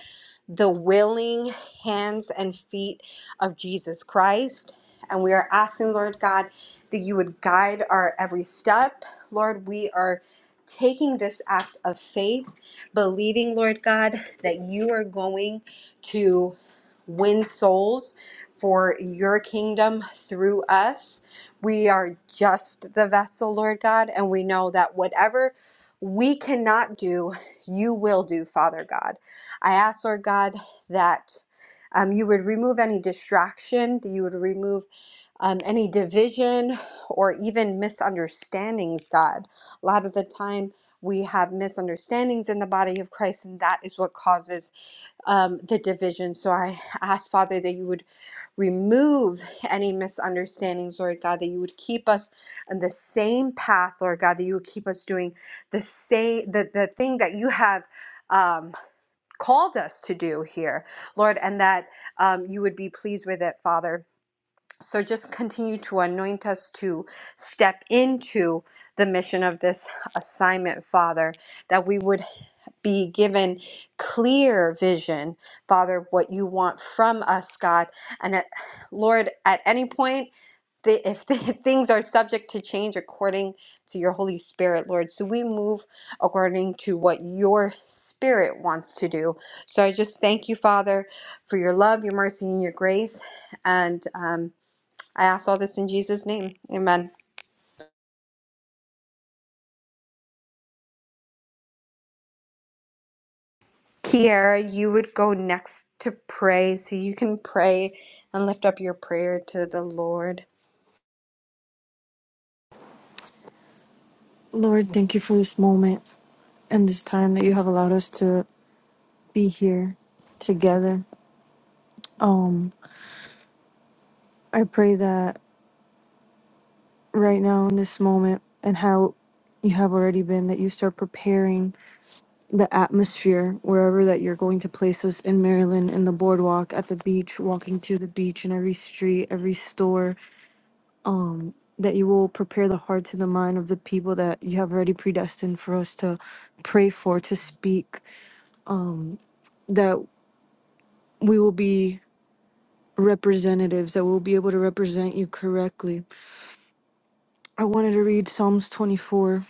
S5: the willing hands and feet of Jesus Christ. And we are asking, Lord God, that you would guide our every step. Lord, we are taking this act of faith believing, Lord God, that you are going to win souls for your kingdom through us. We are just the vessel, Lord God, and we know that whatever we cannot do, you will do, Father God. I ask, Lord God, that um, you would remove any distraction, that you would remove um, any division or even misunderstandings, God. A lot of the time, we have misunderstandings in the body of Christ, and that is what causes um, the division. So I ask, Father, that you would remove any misunderstandings, Lord God, that you would keep us on the same path, Lord God, that you would keep us doing the same, the, the thing that you have um, called us to do here, Lord, and that um, you would be pleased with it, Father so just continue to anoint us to step into the mission of this assignment, Father, that we would be given clear vision, Father, of what you want from us, God. And at, Lord, at any point, the, if the, things are subject to change according to your Holy Spirit, Lord. So we move according to what your Spirit wants to do. So I just thank you, Father, for your love, your mercy, and your grace. And, um, I ask all this in Jesus' name. Amen. Kiara, you would go next to pray so you can pray and lift up your prayer to the Lord.
S6: Lord, thank you for this moment and this time that you have allowed us to be here together. Um, I pray that right now in this moment and how you have already been, that you start preparing the atmosphere wherever that you're going to place us in Maryland, in the boardwalk, at the beach, walking to the beach, in every street, every store, that you will prepare the hearts and the mind of the people that you have already predestined for us to pray for, to speak, that we will be representatives that will be able to represent you correctly. I wanted to read Psalms 24,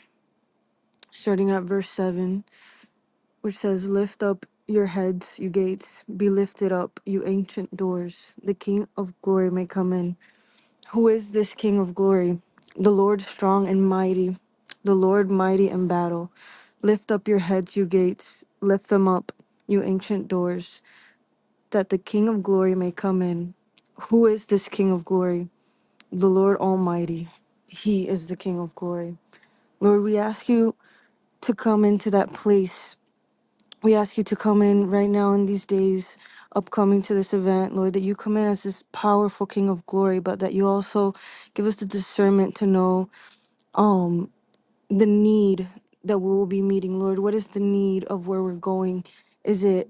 S6: starting at verse 7, which says, Lift up your heads, you gates, be lifted up, you ancient doors. The King of glory may come in. Who is this King of glory? The Lord strong and mighty, the Lord mighty in battle. Lift up your heads, you gates, lift them up, you ancient doors, that the King of glory may come in. Who is this King of glory? the Lord Almighty. He is the King of glory. Lord, we ask you to come into that place. We ask you to come in right now in these days upcoming to this event, Lord, that you come in as this powerful King of glory, but that you also give us the discernment to know um the need that we will be meeting, Lord. What is the need of where we're going? Is it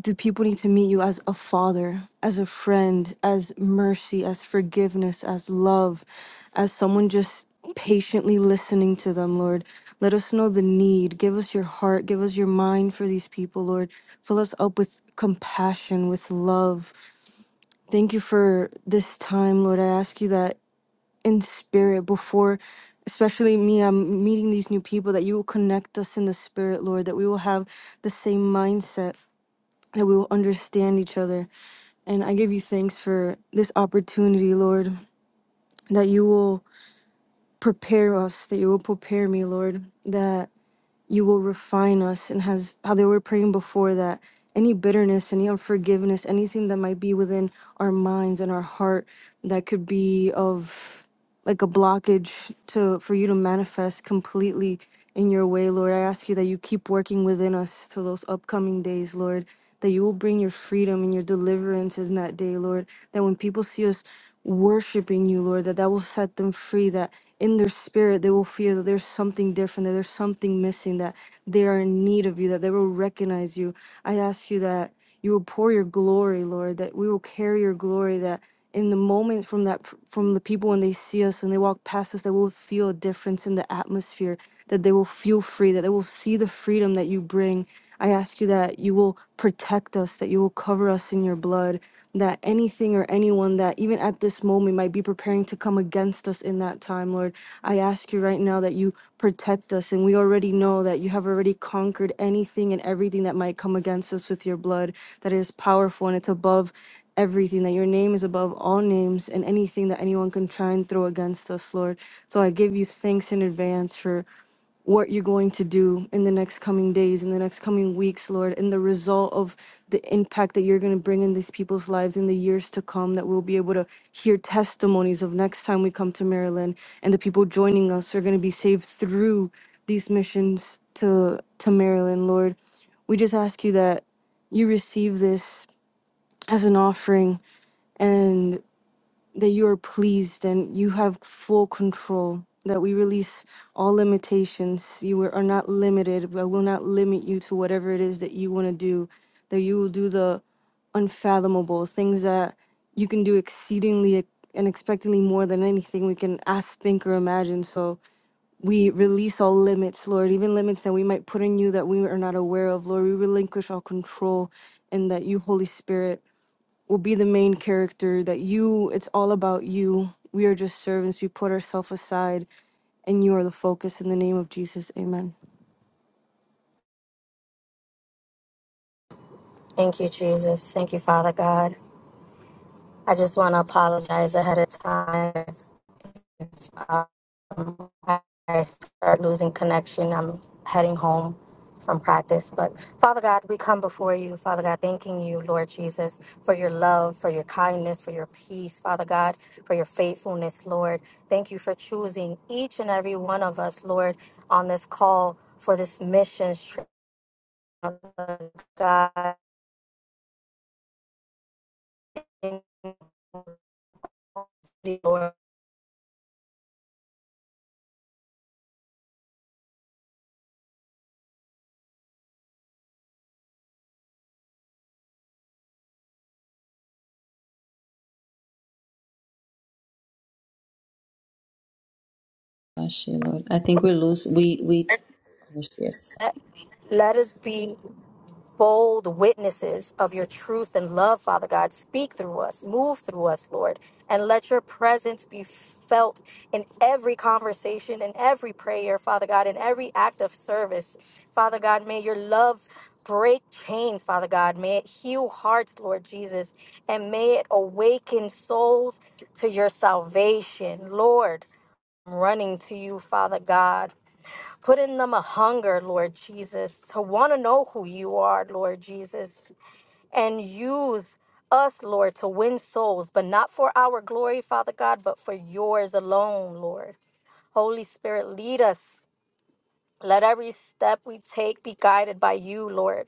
S6: Do people need to meet you as a father, as a friend, as mercy, as forgiveness, as love, as someone just patiently listening to them, Lord? Let us know the need. Give us your heart. Give us your mind for these people, Lord. Fill us up with compassion, with love. Thank you for this time, Lord. I ask you that in spirit before especially me i'm meeting these new people that you will connect us in the spirit lord that we will have the same mindset that we will understand each other. And I give you thanks for this opportunity, Lord, that you will prepare us, that you will prepare me, Lord, that you will refine us. And has how they were praying before that any bitterness, any unforgiveness, anything that might be within our minds and our heart that could be of like a blockage to for you to manifest completely in your way, Lord. I ask you that you keep working within us to those upcoming days, Lord. That you will bring your freedom and your deliverance in that day, Lord. That when people see us worshiping you, Lord, that that will set them free. That in their spirit they will feel that there's something different, that there's something missing, that they are in need of you, that they will recognize you. I ask you that you will pour your glory, Lord. That we will carry your glory. That in the moment from that from the people when they see us when they walk past us that will feel a difference in the atmosphere that they will feel free that they will see the freedom that you bring i ask you that you will protect us that you will cover us in your blood that anything or anyone that even at this moment might be preparing to come against us in that time lord i ask you right now that you protect us and we already know that you have already conquered anything and everything that might come against us with your blood that it is powerful and it's above everything, that your name is above all names and anything that anyone can try and throw against us, Lord. So I give you thanks in advance for what you're going to do in the next coming days, in the next coming weeks, Lord, and the result of the impact that you're going to bring in these people's lives in the years to come, that we'll be able to hear testimonies of next time we come to Maryland and the people joining us are going to be saved through these missions to to Maryland, Lord. We just ask you that you receive this as an offering and that you are pleased and you have full control, that we release all limitations. You are not limited. I will not limit you to whatever it is that you want to do, that you will do the unfathomable things that you can do exceedingly ex- and expectantly more than anything we can ask, think, or imagine. So we release all limits, Lord, even limits that we might put in you that we are not aware of, Lord. We relinquish all control and that you, Holy Spirit will be the main character that you it's all about you we are just servants we put ourselves aside and you are the focus in the name of jesus amen
S7: Thank you, Jesus. Thank you, Father God. I just want to apologize ahead of time. If um, I start losing connection. I'm heading home from practice. But Father God, we come before you, Father God, thanking you, Lord Jesus, for your love, for your kindness, for your peace, Father God, for your faithfulness, Lord. Thank you for choosing each and every one of us, Lord, on this call for this mission trip, Father God. Lord,
S1: Bless you, Lord, I think we lose. We we yes.
S7: let, let us be. bold witnesses of your truth and love, Father God. Speak through us, move through us, Lord, and let your presence be felt in every conversation, in every prayer, Father God, in every act of service. Father God, may your love break chains, Father God. May it heal hearts, Lord Jesus, and may it awaken souls to your salvation, Lord. I'm running to you, Father God. Put in them a hunger, Lord Jesus, to want to know who you are, Lord Jesus, and use us, Lord, to win souls, but not for our glory, Father God, but for yours alone, Lord. Holy Spirit, lead us. Let every step we take be guided by you, Lord.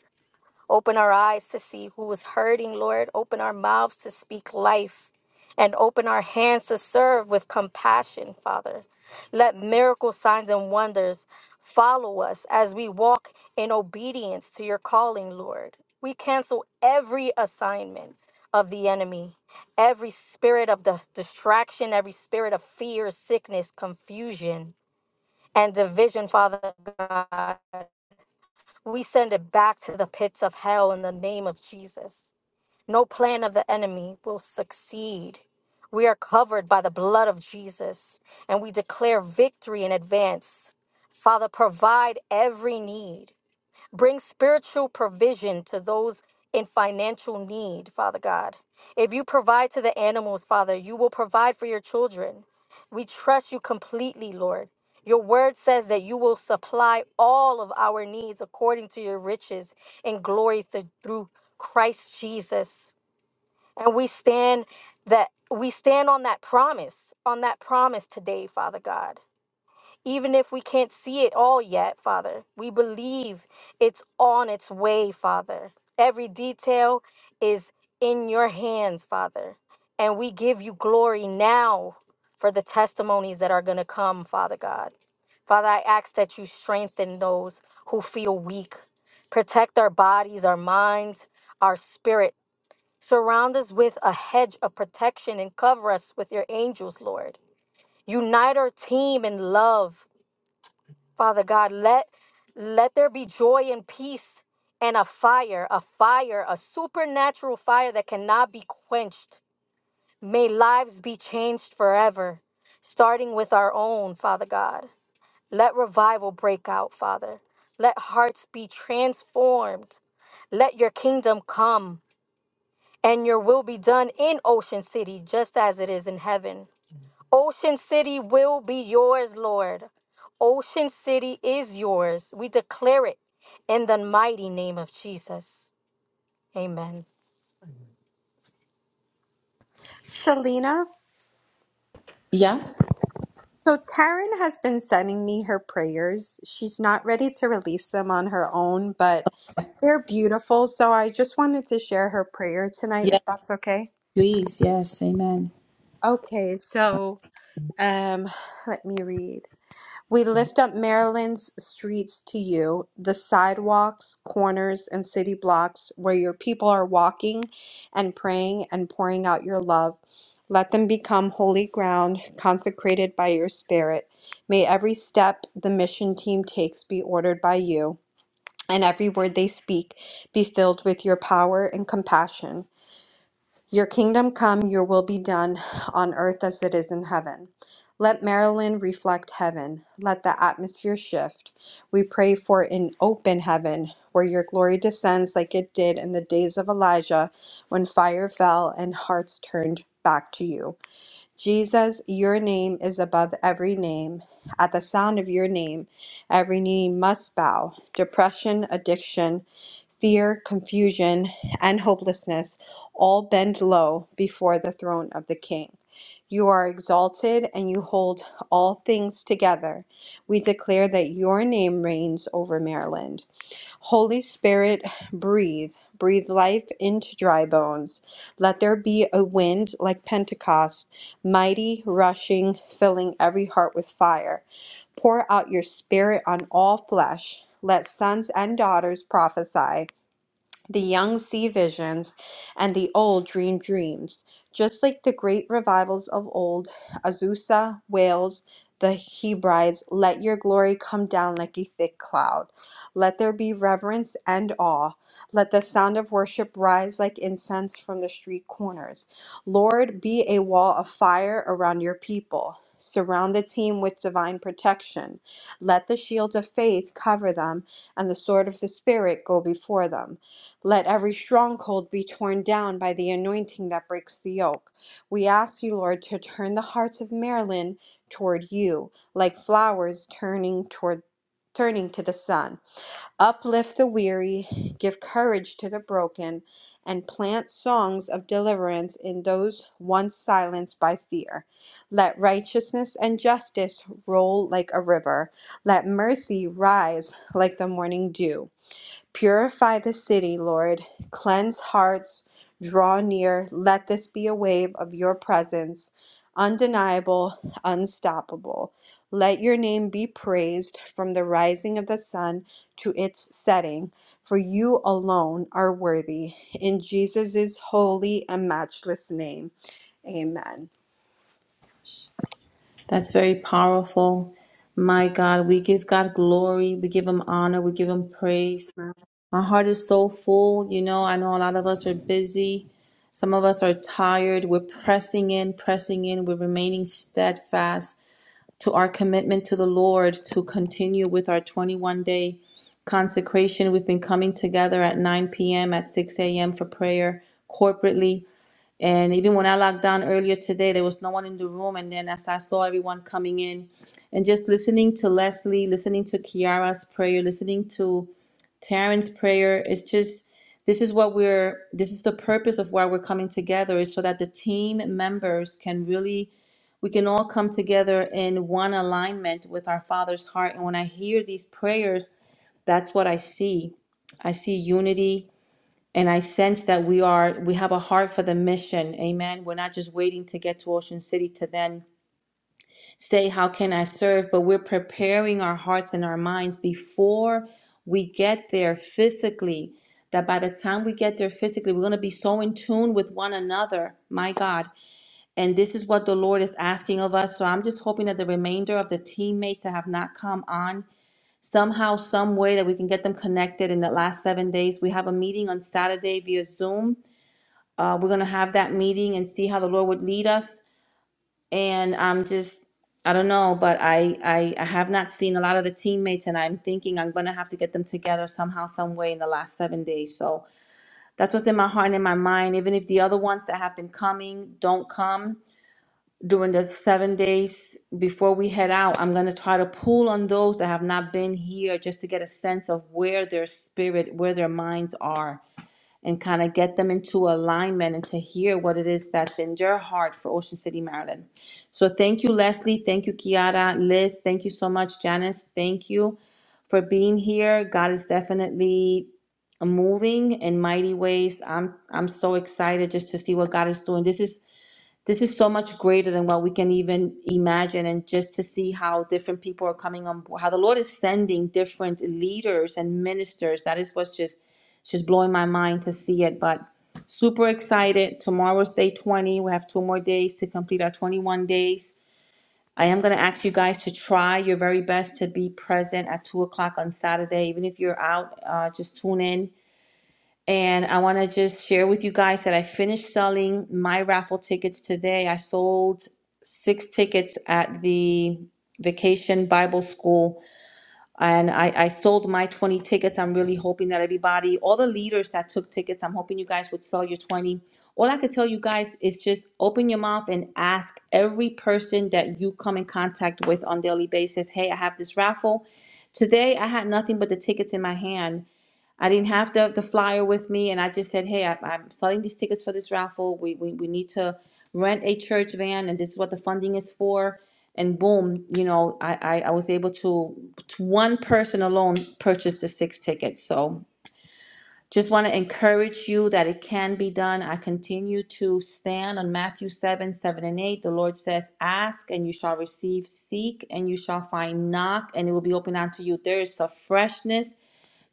S7: Open our eyes to see who is hurting, Lord. Open our mouths to speak life and open our hands to serve with compassion, Father. Let miracle signs and wonders follow us as we walk in obedience to your calling, Lord. We cancel every assignment of the enemy, every spirit of dis- distraction, every spirit of fear, sickness, confusion, and division, Father God. We send it back to the pits of hell in the name of Jesus. No plan of the enemy will succeed. We are covered by the blood of Jesus and we declare victory in advance. Father, provide every need. Bring spiritual provision to those in financial need, Father God. If you provide to the animals, Father, you will provide for your children. We trust you completely, Lord. Your word says that you will supply all of our needs according to your riches and glory th- through Christ Jesus. And we stand that we stand on that promise, on that promise today, Father God. Even if we can't see it all yet, Father, we believe it's on its way, Father. Every detail is in your hands, Father. And we give you glory now for the testimonies that are going to come, Father God. Father, I ask that you strengthen those who feel weak. Protect our bodies, our minds, our spirit. Surround us with a hedge of protection and cover us with your angels, Lord. Unite our team in love Father God, let let there be joy and peace and a fire, a fire, a supernatural fire that cannot be quenched. May lives be changed forever, starting with our own, Father God. Let revival break out, Father. Let hearts be transformed. Let your kingdom come and your will be done in Ocean City just as it is in heaven. Ocean City will be yours, Lord. Ocean City is yours. We declare it in the mighty name of Jesus. Amen.
S5: Selena,
S1: Yeah.
S5: so Taryn has been sending me her prayers. She's not ready to release them on her own, but they're beautiful. So I just wanted to share her prayer tonight,
S1: Yeah.
S5: if that's okay.
S1: Please. Yes. Amen.
S5: Okay, so um, let me read. We lift up Maryland's streets to you, the sidewalks, corners, and city blocks where your people are walking and praying and pouring out your love. Let them become holy ground consecrated by your spirit. May every step the mission team takes be ordered by you, and every word they speak be filled with your power and compassion. Your kingdom come, your will be done on earth as it is in heaven. Let Maryland reflect heaven. Let the atmosphere shift. We pray for an open heaven where your glory descends like it did in the days of Elijah when fire fell and hearts turned back to you. Jesus, your name is above every name. At the sound of your name, every knee must bow. Depression, addiction, fear, confusion, and hopelessness all bend low before the throne of the King. You are exalted and you hold all things together. We declare that your name reigns over Maryland. Holy Spirit, breathe. Breathe life into dry bones. Let there be a wind like Pentecost, mighty, rushing, filling every heart with fire. Pour out your spirit on all flesh. Let sons and daughters prophesy. The young see visions, and the old dream dreams, just like the great revivals of old. Azusa wails the Hebrides, Let your glory come down like a thick cloud. Let there be reverence and awe. Let the sound of worship rise like incense from the street corners. Lord, be a wall of fire around your people. Surround the team with divine protection. Let the shield of faith cover them, and the sword of the Spirit go before them. Let every stronghold be torn down by the anointing that breaks the yoke. We ask you, Lord, to turn the hearts of Maryland toward you, like flowers turning toward turning to the sun. Uplift the weary, give courage to the broken, and plant songs of deliverance in those once silenced by fear. Let righteousness and justice roll like a river. Let mercy rise like the morning dew. Purify the city, Lord. Cleanse hearts. Draw near. Let this be a wave of your presence, undeniable, unstoppable. Let your name be praised from the rising of the sun to its setting, for you alone are worthy. In Jesus' holy and matchless name, amen.
S1: That's very powerful. My God, we give God glory. We give Him honor. We give Him praise. My heart is so full. You know, I know a lot of us are busy. Some of us are tired. We're pressing in, pressing in. We're remaining steadfast to our commitment to the Lord to continue with our 21 day consecration. We've been coming together at 9 p.m., at 6 a.m. for prayer corporately. And even when I locked down earlier today, there was no one in the room. And then as I saw everyone coming in and just listening to Leslie, listening to Kiara's prayer, listening to Terrence' prayer is just this is what we're this is the purpose of why we're coming together is so that the team members can really we can all come together in one alignment with our father's heart and when i hear these prayers that's what i see i see unity and i sense that we are we have a heart for the mission amen we're not just waiting to get to ocean city to then say, How can I serve? But we're preparing our hearts and our minds before we get there physically. That by the time we get there physically, we're going to be so in tune with one another, my God. And this is what the Lord is asking of us. So I'm just hoping that the remainder of the teammates that have not come on, somehow, some way that we can get them connected in the last seven days. We have a meeting on Saturday via Zoom. Uh, we're going to have that meeting and see how the Lord would lead us and I'm just I don't know, but I, I I have not seen a lot of the teammates, and I'm thinking I'm gonna have to get them together somehow, some way in the last seven days. So that's what's in my heart and in my mind. Even if the other ones that have been coming don't come during the seven days before we head out, I'm gonna try to pull on those that have not been here just to get a sense of where their spirit, where their minds are and kind of get them into alignment and to hear what it is that's in your heart for Ocean City, Maryland. So thank you, Leslie. Thank you, Kiara. Liz, thank you so much. Janice, thank you for being here. God is definitely moving in mighty ways. I'm I'm so excited just to see what God is doing. This is this is so much greater than what we can even imagine and just to see how different people are coming on board how the lord is sending different leaders and ministers that is what's just just blowing my mind to see it but super excited tomorrow's day 20 we have two more days to complete our 21 days i am going to ask you guys to try your very best to be present at 2 o'clock on saturday even if you're out uh, just tune in and I want to just share with you guys that I finished selling my raffle tickets today. I sold six tickets at the Vacation Bible School, and I, I sold my 20 tickets. I'm really hoping that everybody, all the leaders that took tickets, I'm hoping you guys would sell your 20. All I could tell you guys is just open your mouth and ask every person that you come in contact with on daily basis, hey, I have this raffle. Today I had nothing but the tickets in my hand I didn't have the, the flyer with me, and I just said, "Hey, I, I'm selling these tickets for this raffle. We, we we need to rent a church van, and this is what the funding is for." And boom, you know, I I, I was able to, to one person alone purchase the six tickets. So just want to encourage you that it can be done. I continue to stand on Matthew seven seven and eight. The Lord says, "Ask and you shall receive; seek and you shall find; knock and it will be opened unto you." There is a freshness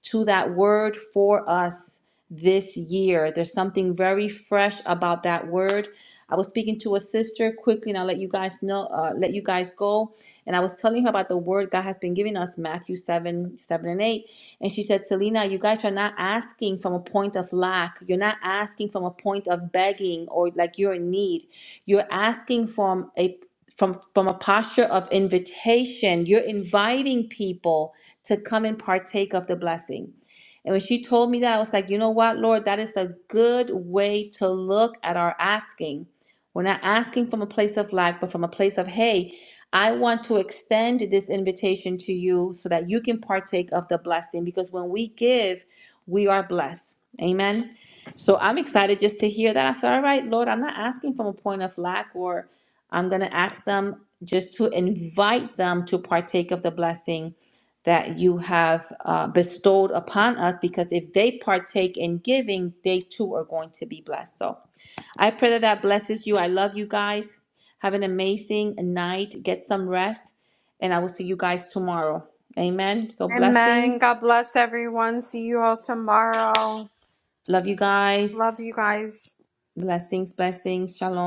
S1: to that word for us this year. There's something very fresh about that word. I was speaking to a sister quickly, and I'll let you guys know, uh, let you guys go. And I was telling her about the word God has been giving us, Matthew 7, 7 and 8. And she said, Selena, you guys are not asking from a point of lack. You're not asking from a point of begging or like you're in need. You're asking from a from from a posture of invitation you're inviting people to come and partake of the blessing and when she told me that i was like you know what lord that is a good way to look at our asking we're not asking from a place of lack, but from a place of, hey, I want to extend this invitation to you so that you can partake of the blessing because when we give, we are blessed. Amen. So I'm excited just to hear that. I said, all right, Lord, I'm not asking from a point of lack or I'm going to ask them just to invite them to partake of the blessing that you have uh, bestowed upon us because if they partake in giving, they too are going to be blessed. So I pray that that blesses you. I love you guys. Have an amazing night. Get some rest. And I will see you guys tomorrow. Amen. So,
S5: Amen.
S1: blessings.
S5: God bless everyone. See you all tomorrow.
S1: Love you
S5: Love
S1: guys.
S5: you guys.
S1: Blessings, blessings. Shalom.